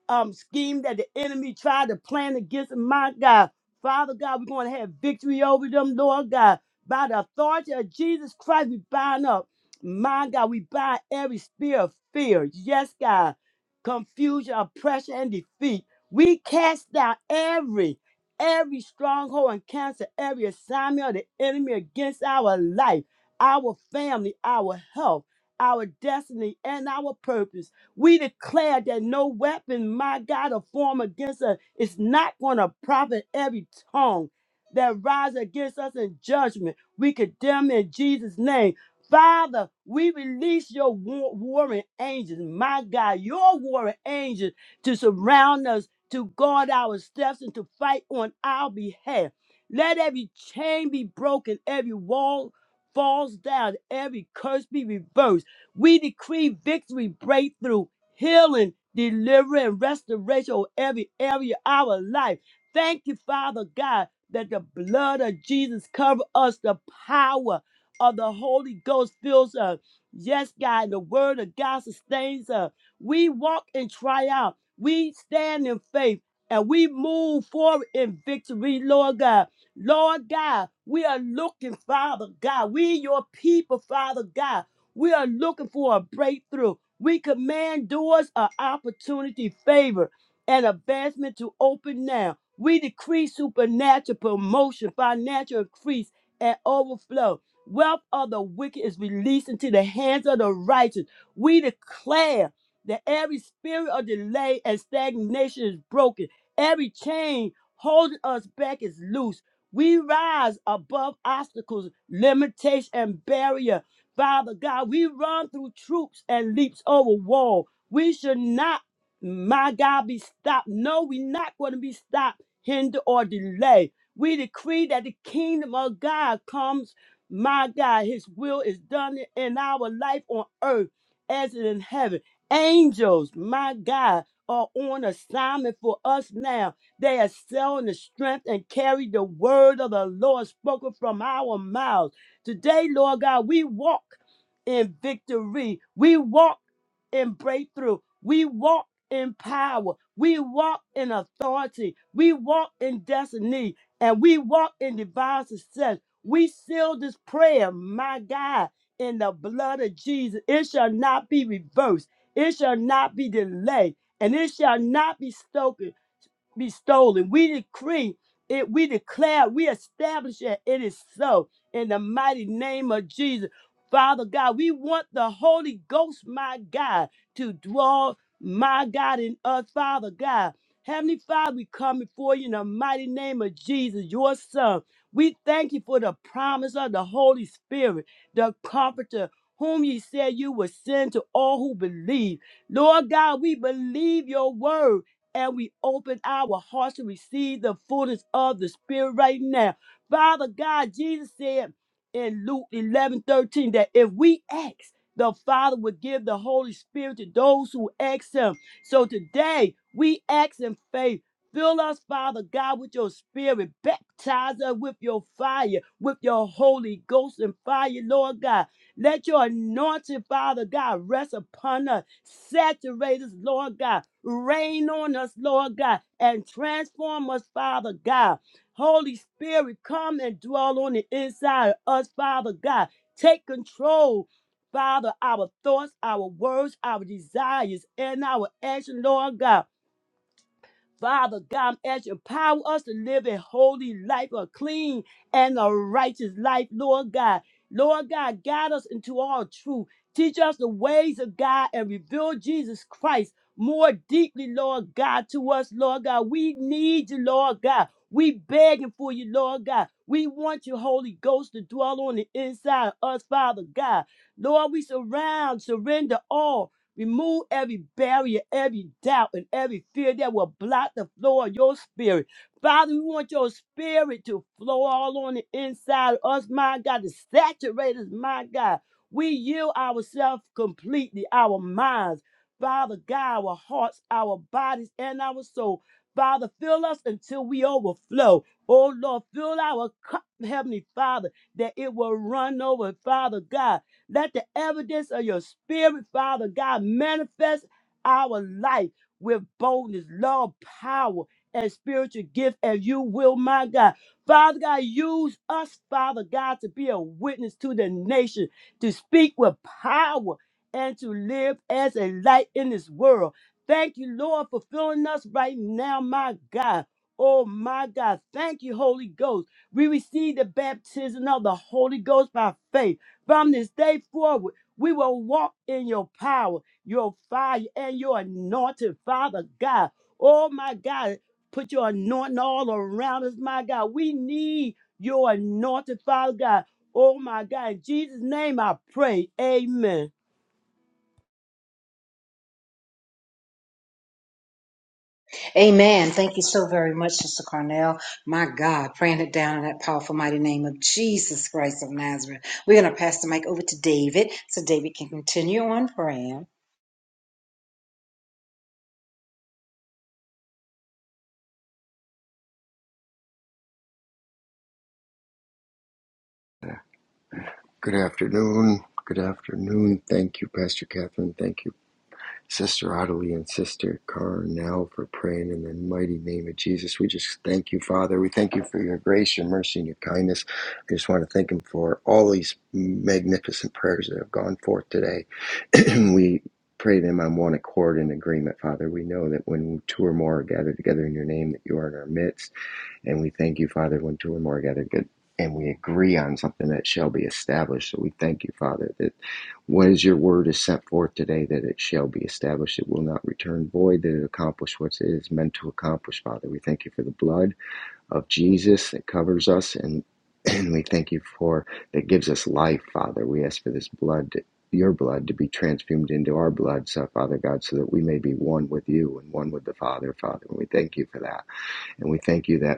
Speaker 3: um scheme that the enemy tried to plan against them, my God. Father God, we're going to have victory over them, Lord God. By the authority of Jesus Christ, we bind up. My God, we bind every spirit of fear. Yes, God. Confusion, oppression, and defeat. We cast down every, every stronghold and cancel every assignment of the enemy against our life, our family, our health, our destiny, and our purpose. We declare that no weapon, my God, a form against us is not going to profit every tongue that rises against us in judgment. We condemn in Jesus' name. Father, we release your war- warring angels, my God, your warring angels to surround us, to guard our steps, and to fight on our behalf. Let every chain be broken, every wall falls down, every curse be reversed. We decree victory, breakthrough, healing, deliverance, and restoration of every area of our life. Thank you, Father God, that the blood of Jesus cover us. The power of the Holy Ghost fills us. Yes, God, the word of God sustains us. We walk in triumph. We stand in faith and we move forward in victory, Lord God. Lord God, we are looking, Father God. We your people, Father God. We are looking for a breakthrough. We command doors of opportunity, favor, and advancement to open now. We decree supernatural promotion, financial increase, and overflow. Wealth of the wicked is released into the hands of the righteous. We declare that every spirit of delay and stagnation is broken. Every chain holding us back is loose. We rise above obstacles, limitation, and barrier Father God, we run through troops and leaps over wall. We should not, my God, be stopped. No, we're not going to be stopped, hindered, or delayed. We decree that the kingdom of God comes, my God, his will is done in our life on earth as it is in heaven. Angels, my God, are on assignment for us now. They are selling the strength and carry the word of the Lord spoken from our mouths. Today, Lord God, we walk in victory. We walk in breakthrough. We walk in power. We walk in authority. We walk in destiny. And we walk in divine success. We seal this prayer, my God, in the blood of Jesus. It shall not be reversed. It shall not be delayed. And it shall not be stopped be stolen. We decree it, we declare, we establish it. It is so in the mighty name of Jesus. Father God, we want the Holy Ghost, my God, to dwell, my God, in us, Father God. Heavenly Father, we come before you in the mighty name of Jesus, your Son. We thank you for the promise of the Holy Spirit, the Comforter, whom you said you would send to all who believe. Lord God, we believe your word and we open our hearts to receive the fullness of the Spirit right now. Father God, Jesus said in Luke 11 13 that if we ask, the Father would give the Holy Spirit to those who ask Him. So today, we ask in faith. Fill us, Father God, with your spirit. Baptize us with your fire, with your Holy Ghost and fire, Lord God. Let your anointing, Father God, rest upon us. Saturate us, Lord God. Rain on us, Lord God, and transform us, Father God. Holy Spirit, come and dwell on the inside of us, Father God. Take control, Father, our thoughts, our words, our desires, and our action, Lord God. Father God, as you empower us to live a holy life, a clean and a righteous life, Lord God. Lord God, guide us into all truth. Teach us the ways of God and reveal Jesus Christ more deeply, Lord God, to us, Lord God. We need you, Lord God. We begging for you, Lord God. We want your Holy Ghost to dwell on the inside of us, Father God. Lord, we surround, surrender all. Remove every barrier, every doubt, and every fear that will block the flow of your spirit. Father, we want your spirit to flow all on the inside of us, my God, to saturate us, my God. We yield ourselves completely, our minds, Father God, our hearts, our bodies, and our soul. Father, fill us until we overflow. Oh Lord, fill our cup, Heavenly Father, that it will run over, Father God. Let the evidence of your spirit, Father God, manifest our life with boldness, love, power, and spiritual gift as you will, my God. Father God, use us, Father God, to be a witness to the nation, to speak with power, and to live as a light in this world. Thank you, Lord, for filling us right now, my God. Oh, my God. Thank you, Holy Ghost. We receive the baptism of the Holy Ghost by faith. From this day forward, we will walk in your power, your fire, and your anointing, Father God. Oh, my God, put your anointing all around us, my God. We need your anointing, Father God. Oh, my God. In Jesus' name I pray. Amen.
Speaker 1: Amen. Thank you so very much, Sister Carnell. My God, praying it down in that powerful, mighty name of Jesus Christ of Nazareth. We're going to pass the mic over to David so David can continue on praying.
Speaker 4: Good afternoon. Good afternoon. Thank you, Pastor Catherine. Thank you, Sister Ottilie and Sister Carnell, for praying in the mighty name of Jesus. We just thank you, Father. We thank you for your grace, your mercy, and your kindness. I just want to thank Him for all these magnificent prayers that have gone forth today. we pray them on one accord in agreement, Father. We know that when two or more are gathered together in your name, that you are in our midst. And we thank you, Father, when two or more are gathered good. And we agree on something that shall be established. So we thank you, Father, that what is your word is sent forth today, that it shall be established. It will not return void, that it accomplish what it is meant to accomplish, Father. We thank you for the blood of Jesus that covers us, and, and we thank you for that gives us life, Father. We ask for this blood, to- your blood, to be transfumed into our blood, so, Father God, so that we may be one with you and one with the Father, Father. And we thank you for that. And we thank you that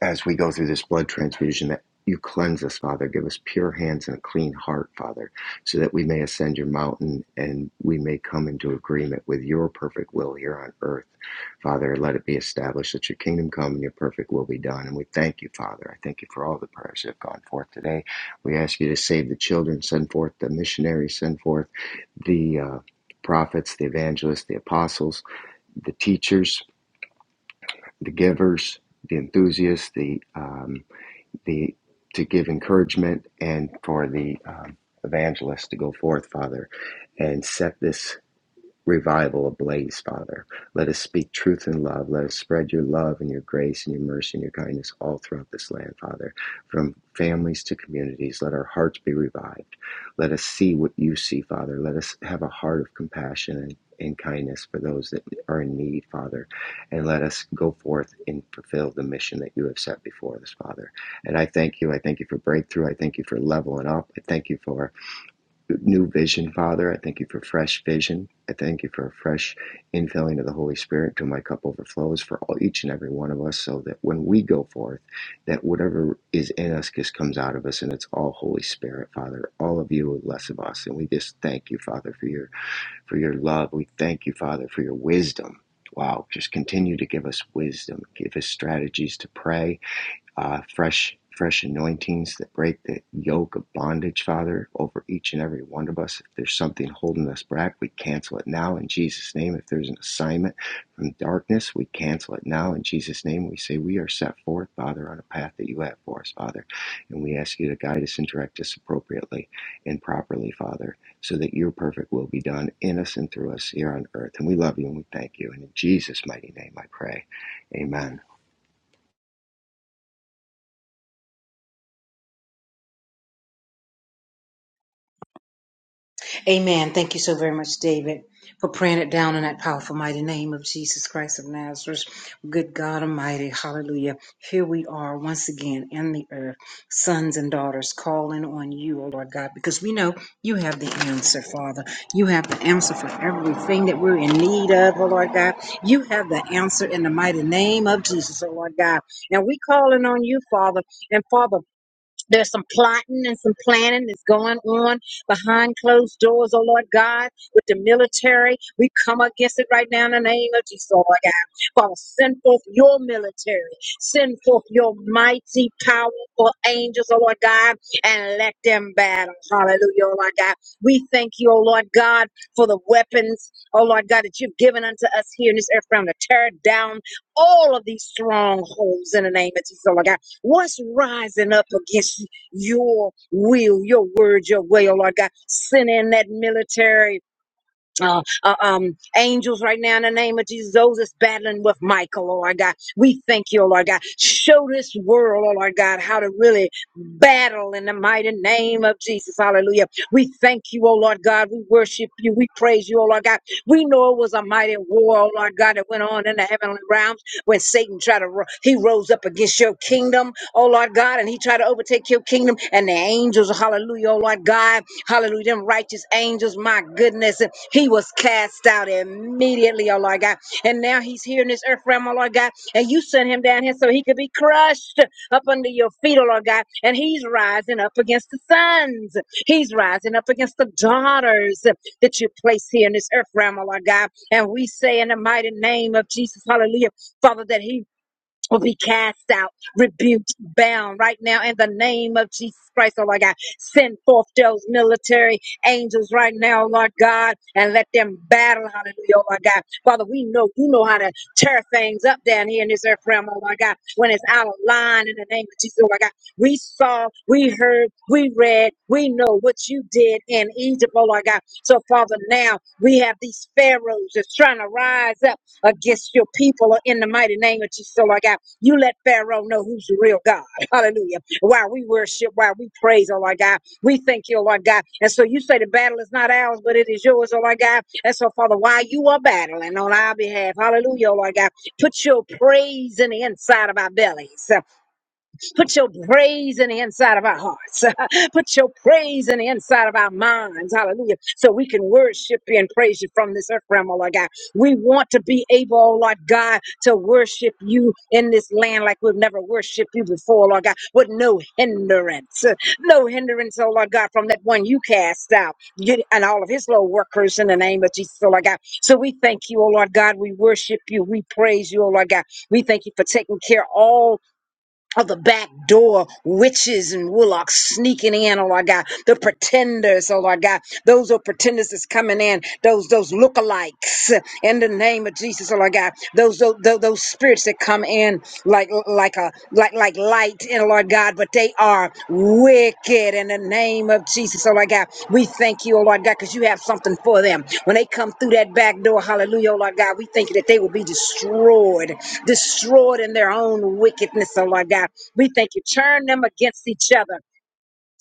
Speaker 4: as we go through this blood transfusion that you cleanse us, Father. Give us pure hands and a clean heart, Father, so that we may ascend your mountain and we may come into agreement with your perfect will here on earth. Father, let it be established that your kingdom come and your perfect will be done. And we thank you, Father. I thank you for all the prayers that have gone forth today. We ask you to save the children, send forth the missionaries, send forth the uh, prophets, the evangelists, the apostles, the teachers, the givers, the enthusiasts, the um, the to give encouragement and for the um, evangelist to go forth, Father, and set this revival ablaze, Father. Let us speak truth in love. Let us spread your love and your grace and your mercy and your kindness all throughout this land, Father, from families to communities. Let our hearts be revived. Let us see what you see, Father. Let us have a heart of compassion and, and kindness for those that are in need, Father. And let us go forth and fulfill the mission that you have set before us, Father. And I thank you. I thank you for breakthrough. I thank you for leveling up. I thank you for new vision, Father. I thank you for fresh vision. I thank you for a fresh infilling of the Holy Spirit till my cup overflows for all, each and every one of us, so that when we go forth, that whatever is in us just comes out of us, and it's all Holy Spirit, Father. All of you, less of us, and we just thank you, Father, for your for your love. We thank you, Father, for your wisdom. Wow, just continue to give us wisdom, give us strategies to pray, uh, fresh fresh anointings that break the yoke of bondage, Father, over each and every one of us. If there's something holding us back, we cancel it now in Jesus' name. If there's an assignment from darkness, we cancel it now in Jesus' name. We say we are set forth, Father, on a path that you have for us, Father. And we ask you to guide us and direct us appropriately and properly, Father, so that your perfect will be done in us and through us here on earth. And we love you and we thank you. And in Jesus' mighty name I pray. Amen.
Speaker 1: Amen. Thank you so very much, David, for praying it down in that powerful, mighty name of Jesus Christ of Nazareth. Good God Almighty. Hallelujah. Here we are once again in the earth, sons and daughters, calling on you, O Lord God, because we know you have the answer, Father. You have the answer for everything that we're in need of, O Lord God. You have the answer in the mighty name of Jesus, O Lord God. Now we calling on you, Father. And Father, there's some plotting and some planning that's going on behind closed doors, oh Lord God, with the military. We come against it right now in the name of Jesus, oh Lord God. Father, send forth your military. Send forth your mighty, powerful angels, oh Lord God, and let them battle. Hallelujah, oh Lord God. We thank you, oh Lord God, for the weapons, oh Lord God, that you've given unto us here in this earth realm to tear down all of these strongholds in the name of Jesus, oh Lord God. What's rising up against your will, your word, your way, oh Lord God? Send in that military uh, uh, um, angels right now in the name of Jesus. Those that's battling with Michael, oh Lord God. We thank you, oh Lord God. Show this world, oh Lord God, how to really battle in the mighty name of Jesus. Hallelujah. We thank you, oh Lord God. We worship you. We praise you, oh Lord God. We know it was a mighty war, oh Lord God, that went on in the heavenly realm when Satan tried to, ro- he rose up against your kingdom, oh Lord God, and he tried to overtake your kingdom and the angels, hallelujah, oh Lord God, hallelujah, them righteous angels, my goodness, he was cast out immediately, oh Lord God, and now he's here in this earth realm, oh Lord God, and you sent him down here so he could be crushed up under your feet, oh Lord God, and he's rising up against the sons, he's rising up against the daughters, that you place here in this earth realm, oh Lord God. And we say in the mighty name of Jesus, hallelujah. Father, that he will be cast out, rebuked, bound right now in the name of Jesus Christ, oh Lord God. Send forth those military angels right now, Lord God, and let them battle, hallelujah, oh Lord God. Father, we know you know how to tear things up down here in this earth realm, oh Lord God, when it's out of line in the name of Jesus, oh Lord God. We saw, we heard, we read, we know what you did in Egypt, oh Lord God. So, Father, now we have these pharaohs that's trying to rise up against your people in the mighty name of Jesus, oh Lord God. You let Pharaoh know who's the real God. Hallelujah. While we worship, while we praise, oh Lord God, we thank you, oh Lord God. And so you say the battle is not ours, but it is yours, oh Lord God. And so, Father, while you are battling on our behalf, hallelujah, oh Lord God, put your praise in the inside of our bellies. Put your praise in the inside of our hearts. Put your praise in the inside of our minds. Hallelujah. So we can worship you and praise you from this earth realm, oh Lord God. We want to be able, oh Lord God, to worship you in this land like we've never worshiped you before, Lord God, with no hindrance. No hindrance, oh Lord God, from that one you cast out you- and all of his little workers in the name of Jesus, oh Lord God. So we thank you, oh Lord God. We worship you. We praise you, oh Lord God. We thank you for taking care of all of the back door witches and warlocks sneaking in, oh Lord God, the pretenders, oh Lord God, those are pretenders that's coming in, those those lookalikes in the name of Jesus, oh Lord God, those those, those, those spirits that come in like like a like like light in oh, Lord God, but they are wicked in the name of Jesus, oh Lord God. We thank you, oh Lord God, because you have something for them. When they come through that back door, hallelujah, oh Lord God, we thank you that they will be destroyed destroyed in their own wickedness, oh Lord God. We thank you. Turn them against each other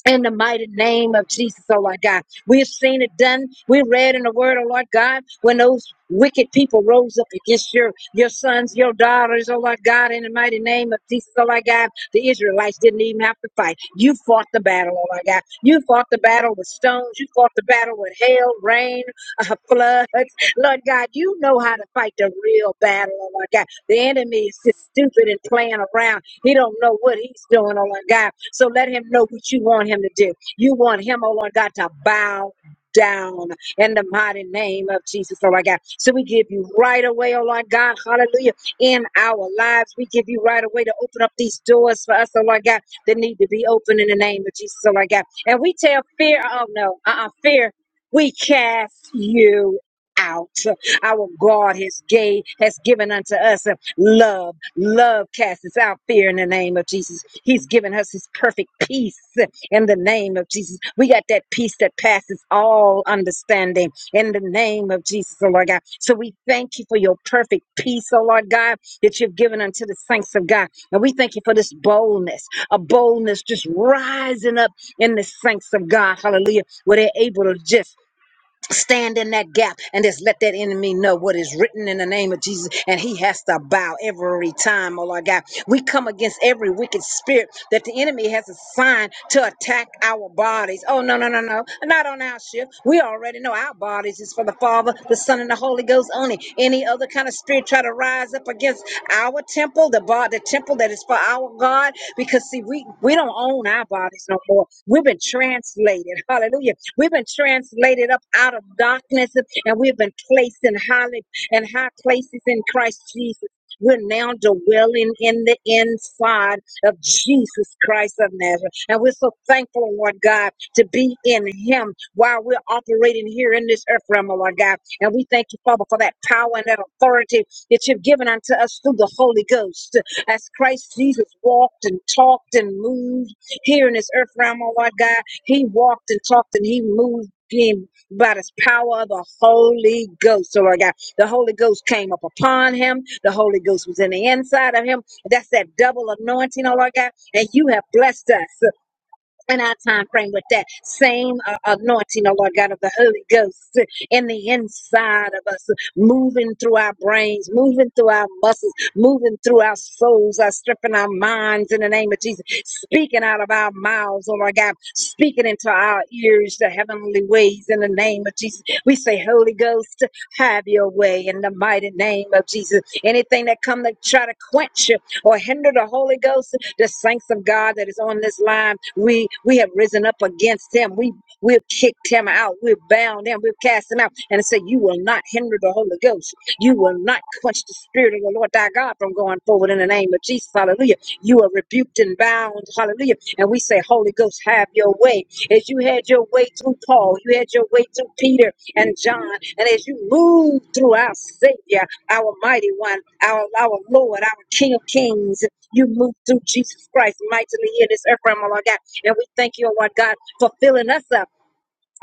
Speaker 1: in the mighty name of Jesus, oh Lord God. We've seen it done. We read in the word, oh Lord God, when those wicked people rose up against your, your sons, your daughters, oh Lord God, in the mighty name of Jesus, oh Lord God. The Israelites didn't even have to fight. You fought the battle, oh Lord God. You fought the battle with stones. You fought the battle with hail, rain, uh, floods. Lord God, you know how to fight the real battle, oh Lord God. The enemy is just stupid and playing around. He don't know what he's doing, oh Lord God. So let him know what you want him to do. You want him, oh Lord God, to bow down in the mighty name of Jesus, oh Lord God. So we give you right away, oh Lord God, hallelujah, in our lives. We give you right away to open up these doors for us, oh Lord God, that need to be open in the name of Jesus, oh Lord God. And we tell fear, oh no, uh-uh, fear, we cast you out. Our God has gave has given unto us. Love, love casts out fear in the name of Jesus. He's given us his perfect peace in the name of Jesus. We got that peace that passes all understanding in the name of Jesus, oh Lord God. So we thank you for your perfect peace, oh Lord God, that you've given unto the saints of God. And we thank you for this boldness, a boldness just rising up in the saints of God. Hallelujah. Where they're able to just Stand in that gap and just let that enemy know what is written in the name of Jesus. And he has to bow every time, oh Lord God. We come against every wicked spirit that the enemy has assigned to attack our bodies. Oh, no, no, no, no. Not on our shift. We already know our bodies is for the Father, the Son, and the Holy Ghost only. Any other kind of spirit try to rise up against our temple, the bar, the temple that is for our God. Because see, we, we don't own our bodies no more. We've been translated. Hallelujah We've been translated up out of darkness and we've been placed in high, in high places in Christ Jesus. We're now dwelling in the inside of Jesus Christ of Nazareth. And we're so thankful, Lord God, to be in Him while we're operating here in this earth realm, oh Lord God. And we thank you, Father, for that power and that authority that you've given unto us through the Holy Ghost. As Christ Jesus walked and talked and moved here in this earth realm, oh Lord God. He walked and talked and he moved him by the power of the Holy Ghost. So I got the Holy Ghost came up upon him. The Holy Ghost was in the inside of him. That's that double anointing, oh Lord God. And you have blessed us in our time frame with that same uh, anointing, oh Lord God, of the Holy Ghost uh, in the inside of us, uh, moving through our brains, moving through our muscles, moving through our souls, our stripping our minds in the name of Jesus, speaking out of our mouths, oh Lord God, speaking into our ears the heavenly ways in the name of Jesus. We say, Holy Ghost, have your way in the mighty name of Jesus. Anything that come to try to quench you or hinder the Holy Ghost the saints of God that is on this line, we we have risen up against him. We we've kicked him out. We've bound him. We've cast him out. And it said, You will not hinder the Holy Ghost. You will not quench the spirit of the Lord thy God from going forward in the name of Jesus. Hallelujah. You are rebuked and bound. Hallelujah. And we say, Holy Ghost, have your way. As you had your way through Paul, you had your way through Peter and John. And as you move through our Savior, our mighty one, our, our Lord, our King of Kings. You move through Jesus Christ mightily in this earth realm, oh Lord God. And we thank you, oh Lord God, for filling us up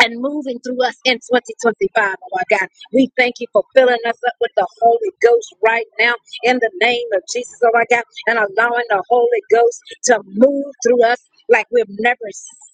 Speaker 1: and moving through us in 2025, oh my God. We thank you for filling us up with the Holy Ghost right now in the name of Jesus, oh my God, and allowing the Holy Ghost to move through us like we've never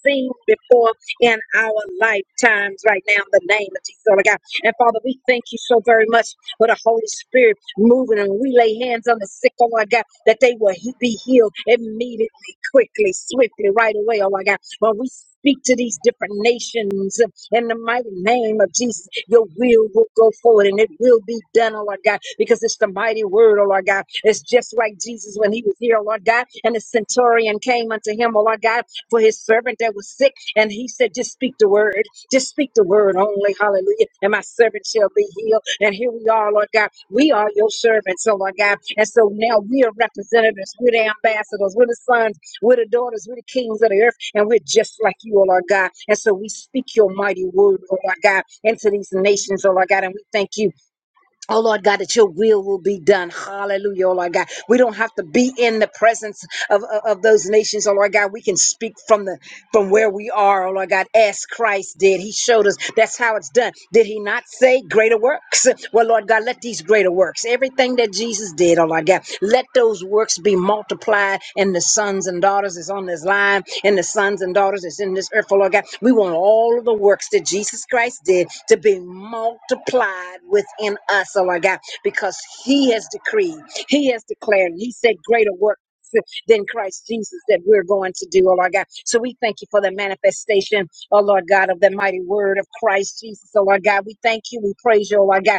Speaker 1: seen before in our lifetimes right now in the name of Jesus, oh my God. And Father, we thank you so very much for the Holy Spirit moving and we lay hands on the sick, oh my God, that they will he- be healed immediately, quickly, swiftly, right away, oh my God. When we speak to these different nations uh, in the mighty name of Jesus, your will will go forward and it will be done, oh Lord God, because it's the mighty word, oh Lord God. It's just like Jesus when he was here, oh Lord God, and the centurion came unto him, oh Lord God, for his servant that was sick, and he said, Just speak the word, just speak the word only, hallelujah, and my servant shall be healed. And here we are, Lord God, we are your servants, oh Lord God, and so now we are representatives, we're the ambassadors, we're the sons. We're the daughters, we're the kings of the earth, and we're just like you, oh Lord God. And so we speak your mighty word, oh Lord God, into these nations, oh Lord God. And we thank you Oh Lord God, that your will will be done. Hallelujah, oh Lord God. We don't have to be in the presence of, of, of those nations, oh Lord God. We can speak from the from where we are, oh Lord God, as Christ did. He showed us that's how it's done. Did he not say greater works? Well, Lord God, let these greater works, everything that Jesus did, oh Lord God, let those works be multiplied in the sons and daughters is on this line and the sons and daughters that's in this earth, oh Lord God. We want all of the works that Jesus Christ did to be multiplied within us, oh Lord God, because He has decreed, He has declared, He said, greater work. Than Christ Jesus that we're going to do, oh Lord God. So we thank you for the manifestation, oh Lord God, of the mighty word of Christ Jesus, oh Lord God. We thank you, we praise you, oh Lord God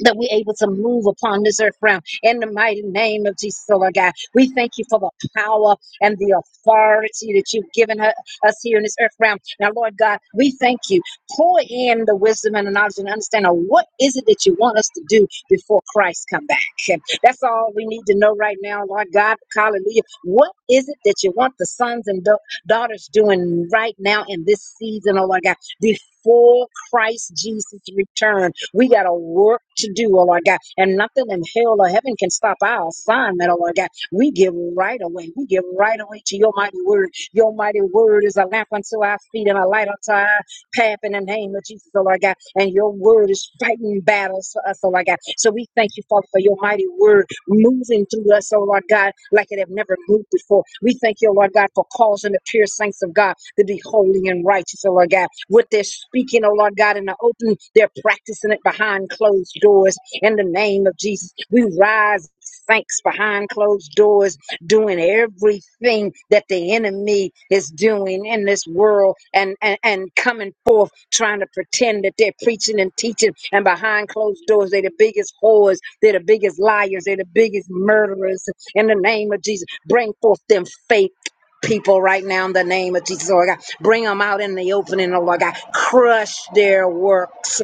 Speaker 1: that we're able to move upon this earth realm in the mighty name of Jesus, oh Lord God. We thank you for the power and the authority that you've given her, us here in this earth realm. Now, Lord God, we thank you. Pour in the wisdom and the knowledge and understanding of what is it that you want us to do before Christ come back. And That's all we need to know right now, Lord God. Hallelujah. What is it that you want the sons and da- daughters doing right now in this season, oh Lord God, before Christ Jesus' return? We got a work to do, oh Lord God. And nothing in hell or heaven can stop our assignment, oh Lord God. We give right away. We give right away to your mighty word. Your mighty word is a lamp unto our feet and a light unto our path in the name of Jesus, oh Lord God. And your word is fighting battles for us, oh Lord God. So we thank you, Father, for your mighty word moving through us, oh Lord God, like it have never moved before. We thank you, oh Lord God, for causing the pure saints of God to be holy and righteous, oh Lord God. What they're speaking, oh Lord God, in the open, they're practicing it behind closed doors. In the name of Jesus, we rise. Thanks behind closed doors doing everything that the enemy is doing in this world and, and, and coming forth trying to pretend that they're preaching and teaching and behind closed doors they're the biggest whores they're the biggest liars they're the biggest murderers in the name of jesus bring forth them fake people right now in the name of jesus lord god bring them out in the opening oh lord god crush their works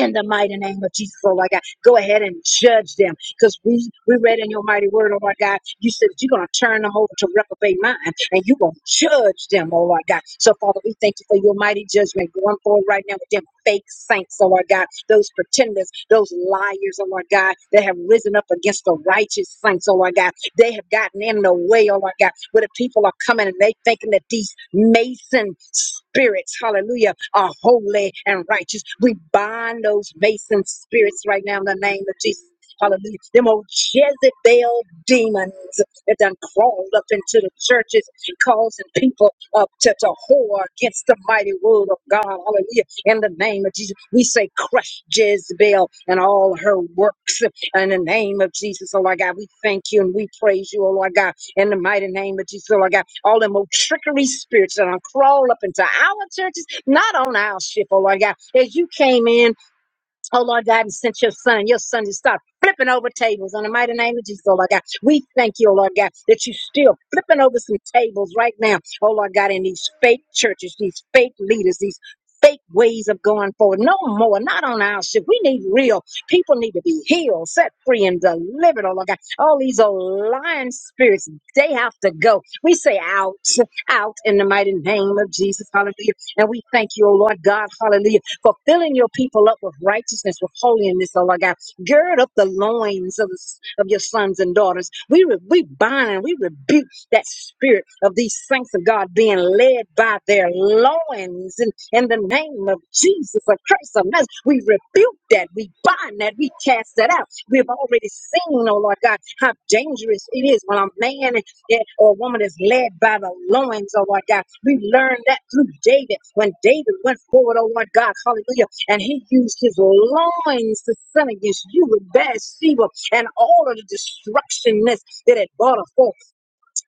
Speaker 1: in the mighty name of Jesus, oh Lord God, go ahead and judge them because we, we read in your mighty word, oh Lord God, you said that you're going to turn them over to reprobate mind and you're going to judge them, oh Lord God. So, Father, we thank you for your mighty judgment going forward right now with them fake saints, oh Lord God, those pretenders, those liars, oh Lord God, that have risen up against the righteous saints, oh Lord God. They have gotten in the way, oh my God, where the people are coming and they thinking that these Mason spirits, hallelujah, are holy and righteous. We bind those Mason spirits right now in the name of Jesus. Hallelujah. Them old Jezebel demons that done crawled up into the churches, causing people up to, to whore against the mighty word of God. Hallelujah. In the name of Jesus, we say, crush Jezebel and all her works. In the name of Jesus, oh Lord God, we thank you and we praise you, oh Lord God. In the mighty name of Jesus, oh Lord God, all them old trickery spirits that are crawl up into our churches, not on our ship, oh Lord God. As you came in Oh Lord God, and sent your son. Your son to stop flipping over tables in the mighty name of Jesus, oh Lord God. We thank you, oh Lord God, that you're still flipping over some tables right now, oh Lord God, in these fake churches, these fake leaders, these fake ways of going forward. No more, not on our ship. We need real. People need to be healed, set free, and delivered, oh Lord God. All these old lying spirits, they have to go. We say out, out in the mighty name of Jesus, hallelujah. And we thank you, oh Lord God, hallelujah Fulfilling your people up with righteousness, with holiness, oh Lord God. Gird up the loins of, of your sons and daughters. We, re, we bind and we rebuke that spirit of these saints of God being led by their loins and in the name of Jesus or Christ of Nazareth. We rebuke that. We bind that. We cast that out. We've already seen, oh Lord God, how dangerous it is when a man yeah, or a woman is led by the loins, oh Lord God. We learned that through David. When David went forward, oh Lord God, hallelujah, and he used his loins to sin against you with Bathsheba and all of the destructionness that it brought forth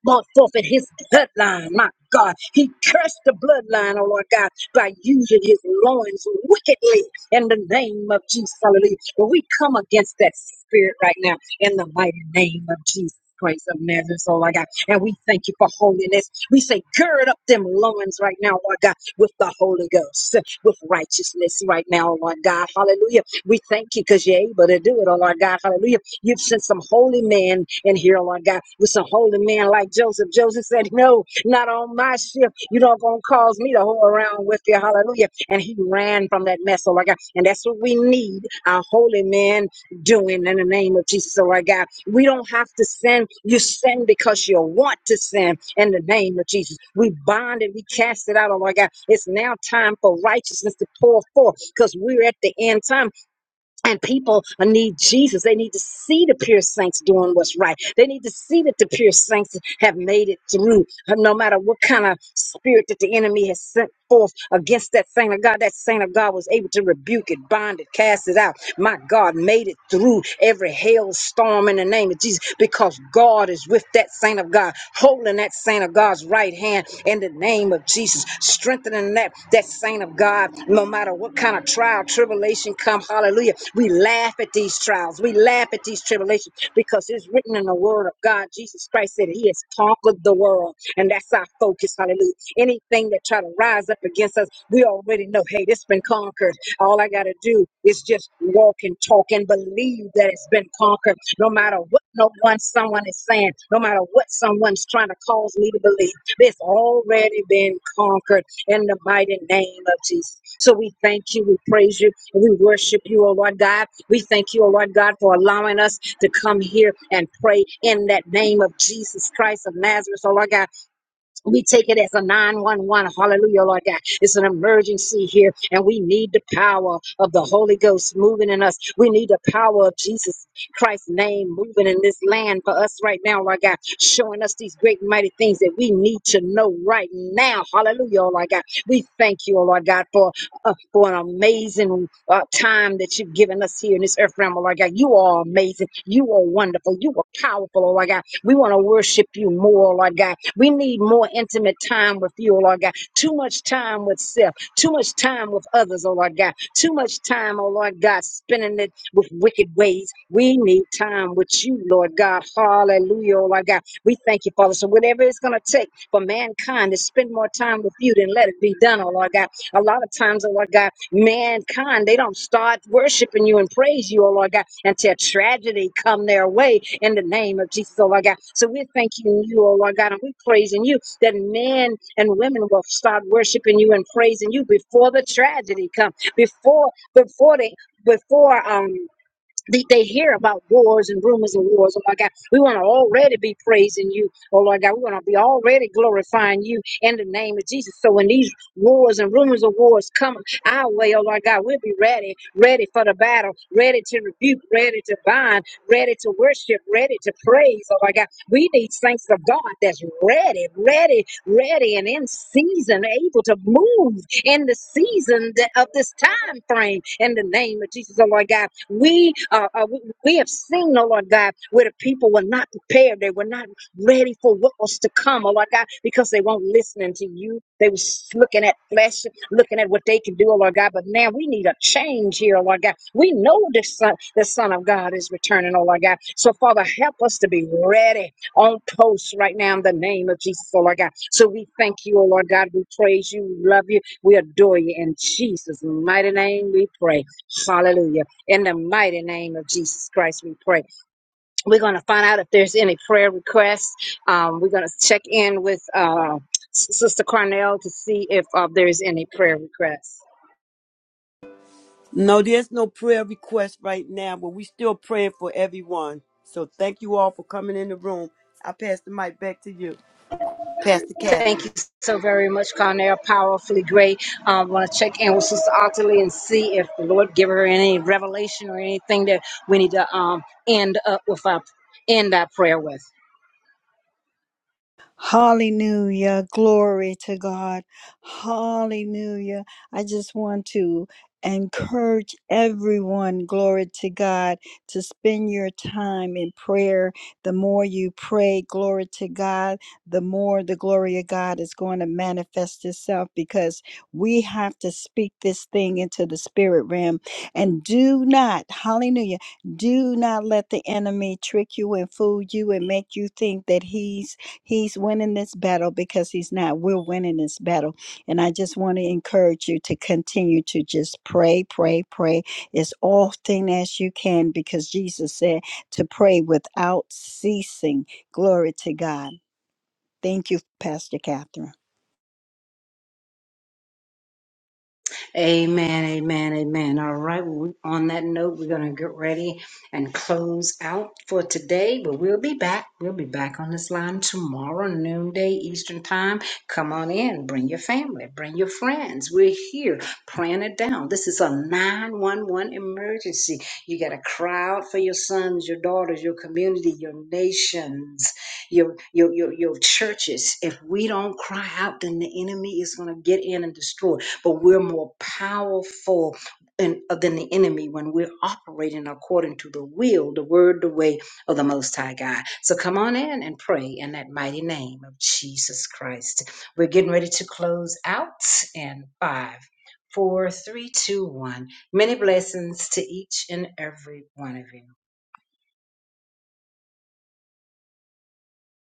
Speaker 1: bought forfeit his bloodline, my God. He cursed the bloodline, oh Lord God, by using his loins wickedly in the name of Jesus. Hallelujah. But we come against that spirit right now in the mighty name of Jesus. Christ of Nazareth, oh my God. And we thank you for holiness. We say, gird up them loins right now, Lord God, with the Holy Ghost, with righteousness right now, Lord God. Hallelujah. We thank you because you're able to do it, oh Lord God. Hallelujah You've sent some holy man in here, Lord God, with some holy man like Joseph. Joseph said, No, not on my ship. You're not going to cause me to hoe around with you. Hallelujah. And he ran from that mess, oh, Lord God. And that's what we need our holy man doing in the name of Jesus, oh, Lord God. We don't have to sin. You sin because you want to sin in the name of Jesus. We bind it, we cast it out, oh, Lord God. It's now time for righteousness to pour forth because we're at the end time and people uh, need Jesus. They need to see the pure saints doing what's right. They need to see that the pure saints have made it through, uh, no matter what kind of spirit that the enemy has sent forth against that saint of God. That saint of God was able to rebuke it, bind it, cast it out. My God made it through through every hailstorm in the name of Jesus because God is with that saint of God, holding that saint of God's right hand in the name of Jesus, strengthening that, that saint of God no matter what kind of trial, tribulation come. Hallelujah. We laugh at these trials. We laugh at these tribulations because it's written in the word of God. Jesus Christ said he has conquered the world and that's our focus. Hallelujah. Anything that try to rise up against us, we already know, hey, this been conquered. All I got to do is just walk and talk and believe that it's been conquered, no matter what no one, someone is saying, no matter what someone's trying to cause me to believe. It's already been conquered in the mighty name of Jesus. So we thank you, we praise you, and we worship you, O Lord God. We thank you, O Lord God, for allowing us to come here and pray in that name of Jesus Christ of Nazareth, O Lord God. We take it as a 911. Hallelujah, Lord God. It's an emergency here, and we need the power of the Holy Ghost moving in us. We need the power of Jesus Christ's name moving in this land for us right now, Lord God, showing us these great and mighty things that we need to know right now. Hallelujah, Lord God. We thank you, Lord God, for, uh, for an amazing uh, time that you've given us here in this earth realm, Lord God. You are amazing. You are wonderful. You are powerful, Lord God. We want to worship you more, Lord God. We need more intimate time with you, oh Lord God. Too much time with self, too much time with others, oh Lord God. Too much time, oh Lord God, spending it with wicked ways. We need time with you, Lord God. Hallelujah, oh Lord God. We thank you, Father. So whatever it's going to take for mankind to spend more time with you, then let it be done, oh Lord God. A lot of times, oh Lord God, mankind, they don't start worshiping you and praise you, oh Lord God, until tragedy come their way in the name of Jesus, oh Lord God. So we are thanking you, oh Lord God, and we are praising you that men and women will start worshiping you and praising you before the tragedy come, before before they before um they, they hear about wars and rumors of wars. Oh my God, we want to already be praising you. Oh Lord God, we want to be already glorifying you in the name of Jesus. So when these wars and rumors of wars come our way, oh Lord God, we'll be ready, ready for the battle, ready to rebuke, ready to bind, ready to worship, ready to praise. Oh my God, we need saints of God that's ready, ready, ready, and in season, able to move in the season that, of this time frame. In the name of Jesus, oh Lord God, we uh, uh, we, we have seen, oh Lord God, where the people were not prepared. They were not ready for what was to come, oh Lord God, because they weren't listening to you. They was looking at flesh, looking at what they can do, oh Lord God. But now we need a change here, oh Lord God. We know the Son, the Son of God is returning, oh Lord God. So Father, help us to be ready on post right now in the name of Jesus, oh Lord God. So we thank you, oh Lord God. We praise you, we love you. We adore you in Jesus' mighty name. We pray. Hallelujah. In the mighty name of Jesus Christ, we pray. We're going to find out if there's any prayer requests. Um, we're going to check in with uh, S- Sister Cornell to see if uh, there is any prayer requests.
Speaker 3: No, there's no prayer request right now, but we still praying for everyone. So thank you all for coming in the room. I pass the mic back to you, Pastor Kathy.
Speaker 1: Thank you so very much, Cornell. Powerfully great. I um, want to check in with Sister Ottilie and see if the Lord give her any revelation or anything that we need to um, end up with our end our prayer with.
Speaker 2: Hallelujah. Glory to God. Hallelujah. I just want to encourage everyone, glory to God, to spend your time in prayer. The more you pray, glory to God, the more the glory of God is going to manifest itself because we have to speak this thing into the spirit realm. And do not, hallelujah, do not let the enemy trick you and fool you and make you think that he's He's winning this battle because he's not. We're winning this battle. And I just want to encourage you to continue to just pray, pray, pray as often as you can because Jesus said to pray without ceasing. Glory to God. Thank you, Pastor Catherine.
Speaker 1: Amen, amen, amen. All right. Well, we- on that note, we're going to get ready and close out for today, but we'll be back. We'll be back on this line tomorrow, noonday Eastern time. Come on in. Bring your family. Bring your friends. We're here praying it down. This is a 911 emergency. You got to cry out for your sons, your daughters, your community, your nations, your, your, your, your churches. If we don't cry out, then the enemy is going to get in and destroy but we're more powerful and, than the enemy when we're operating according to the will, the word, the way of the Most High God. So come on in and pray in that mighty name of Jesus Christ. We're getting ready to close out in five, four, three, two, one. Many blessings to each and every one of you.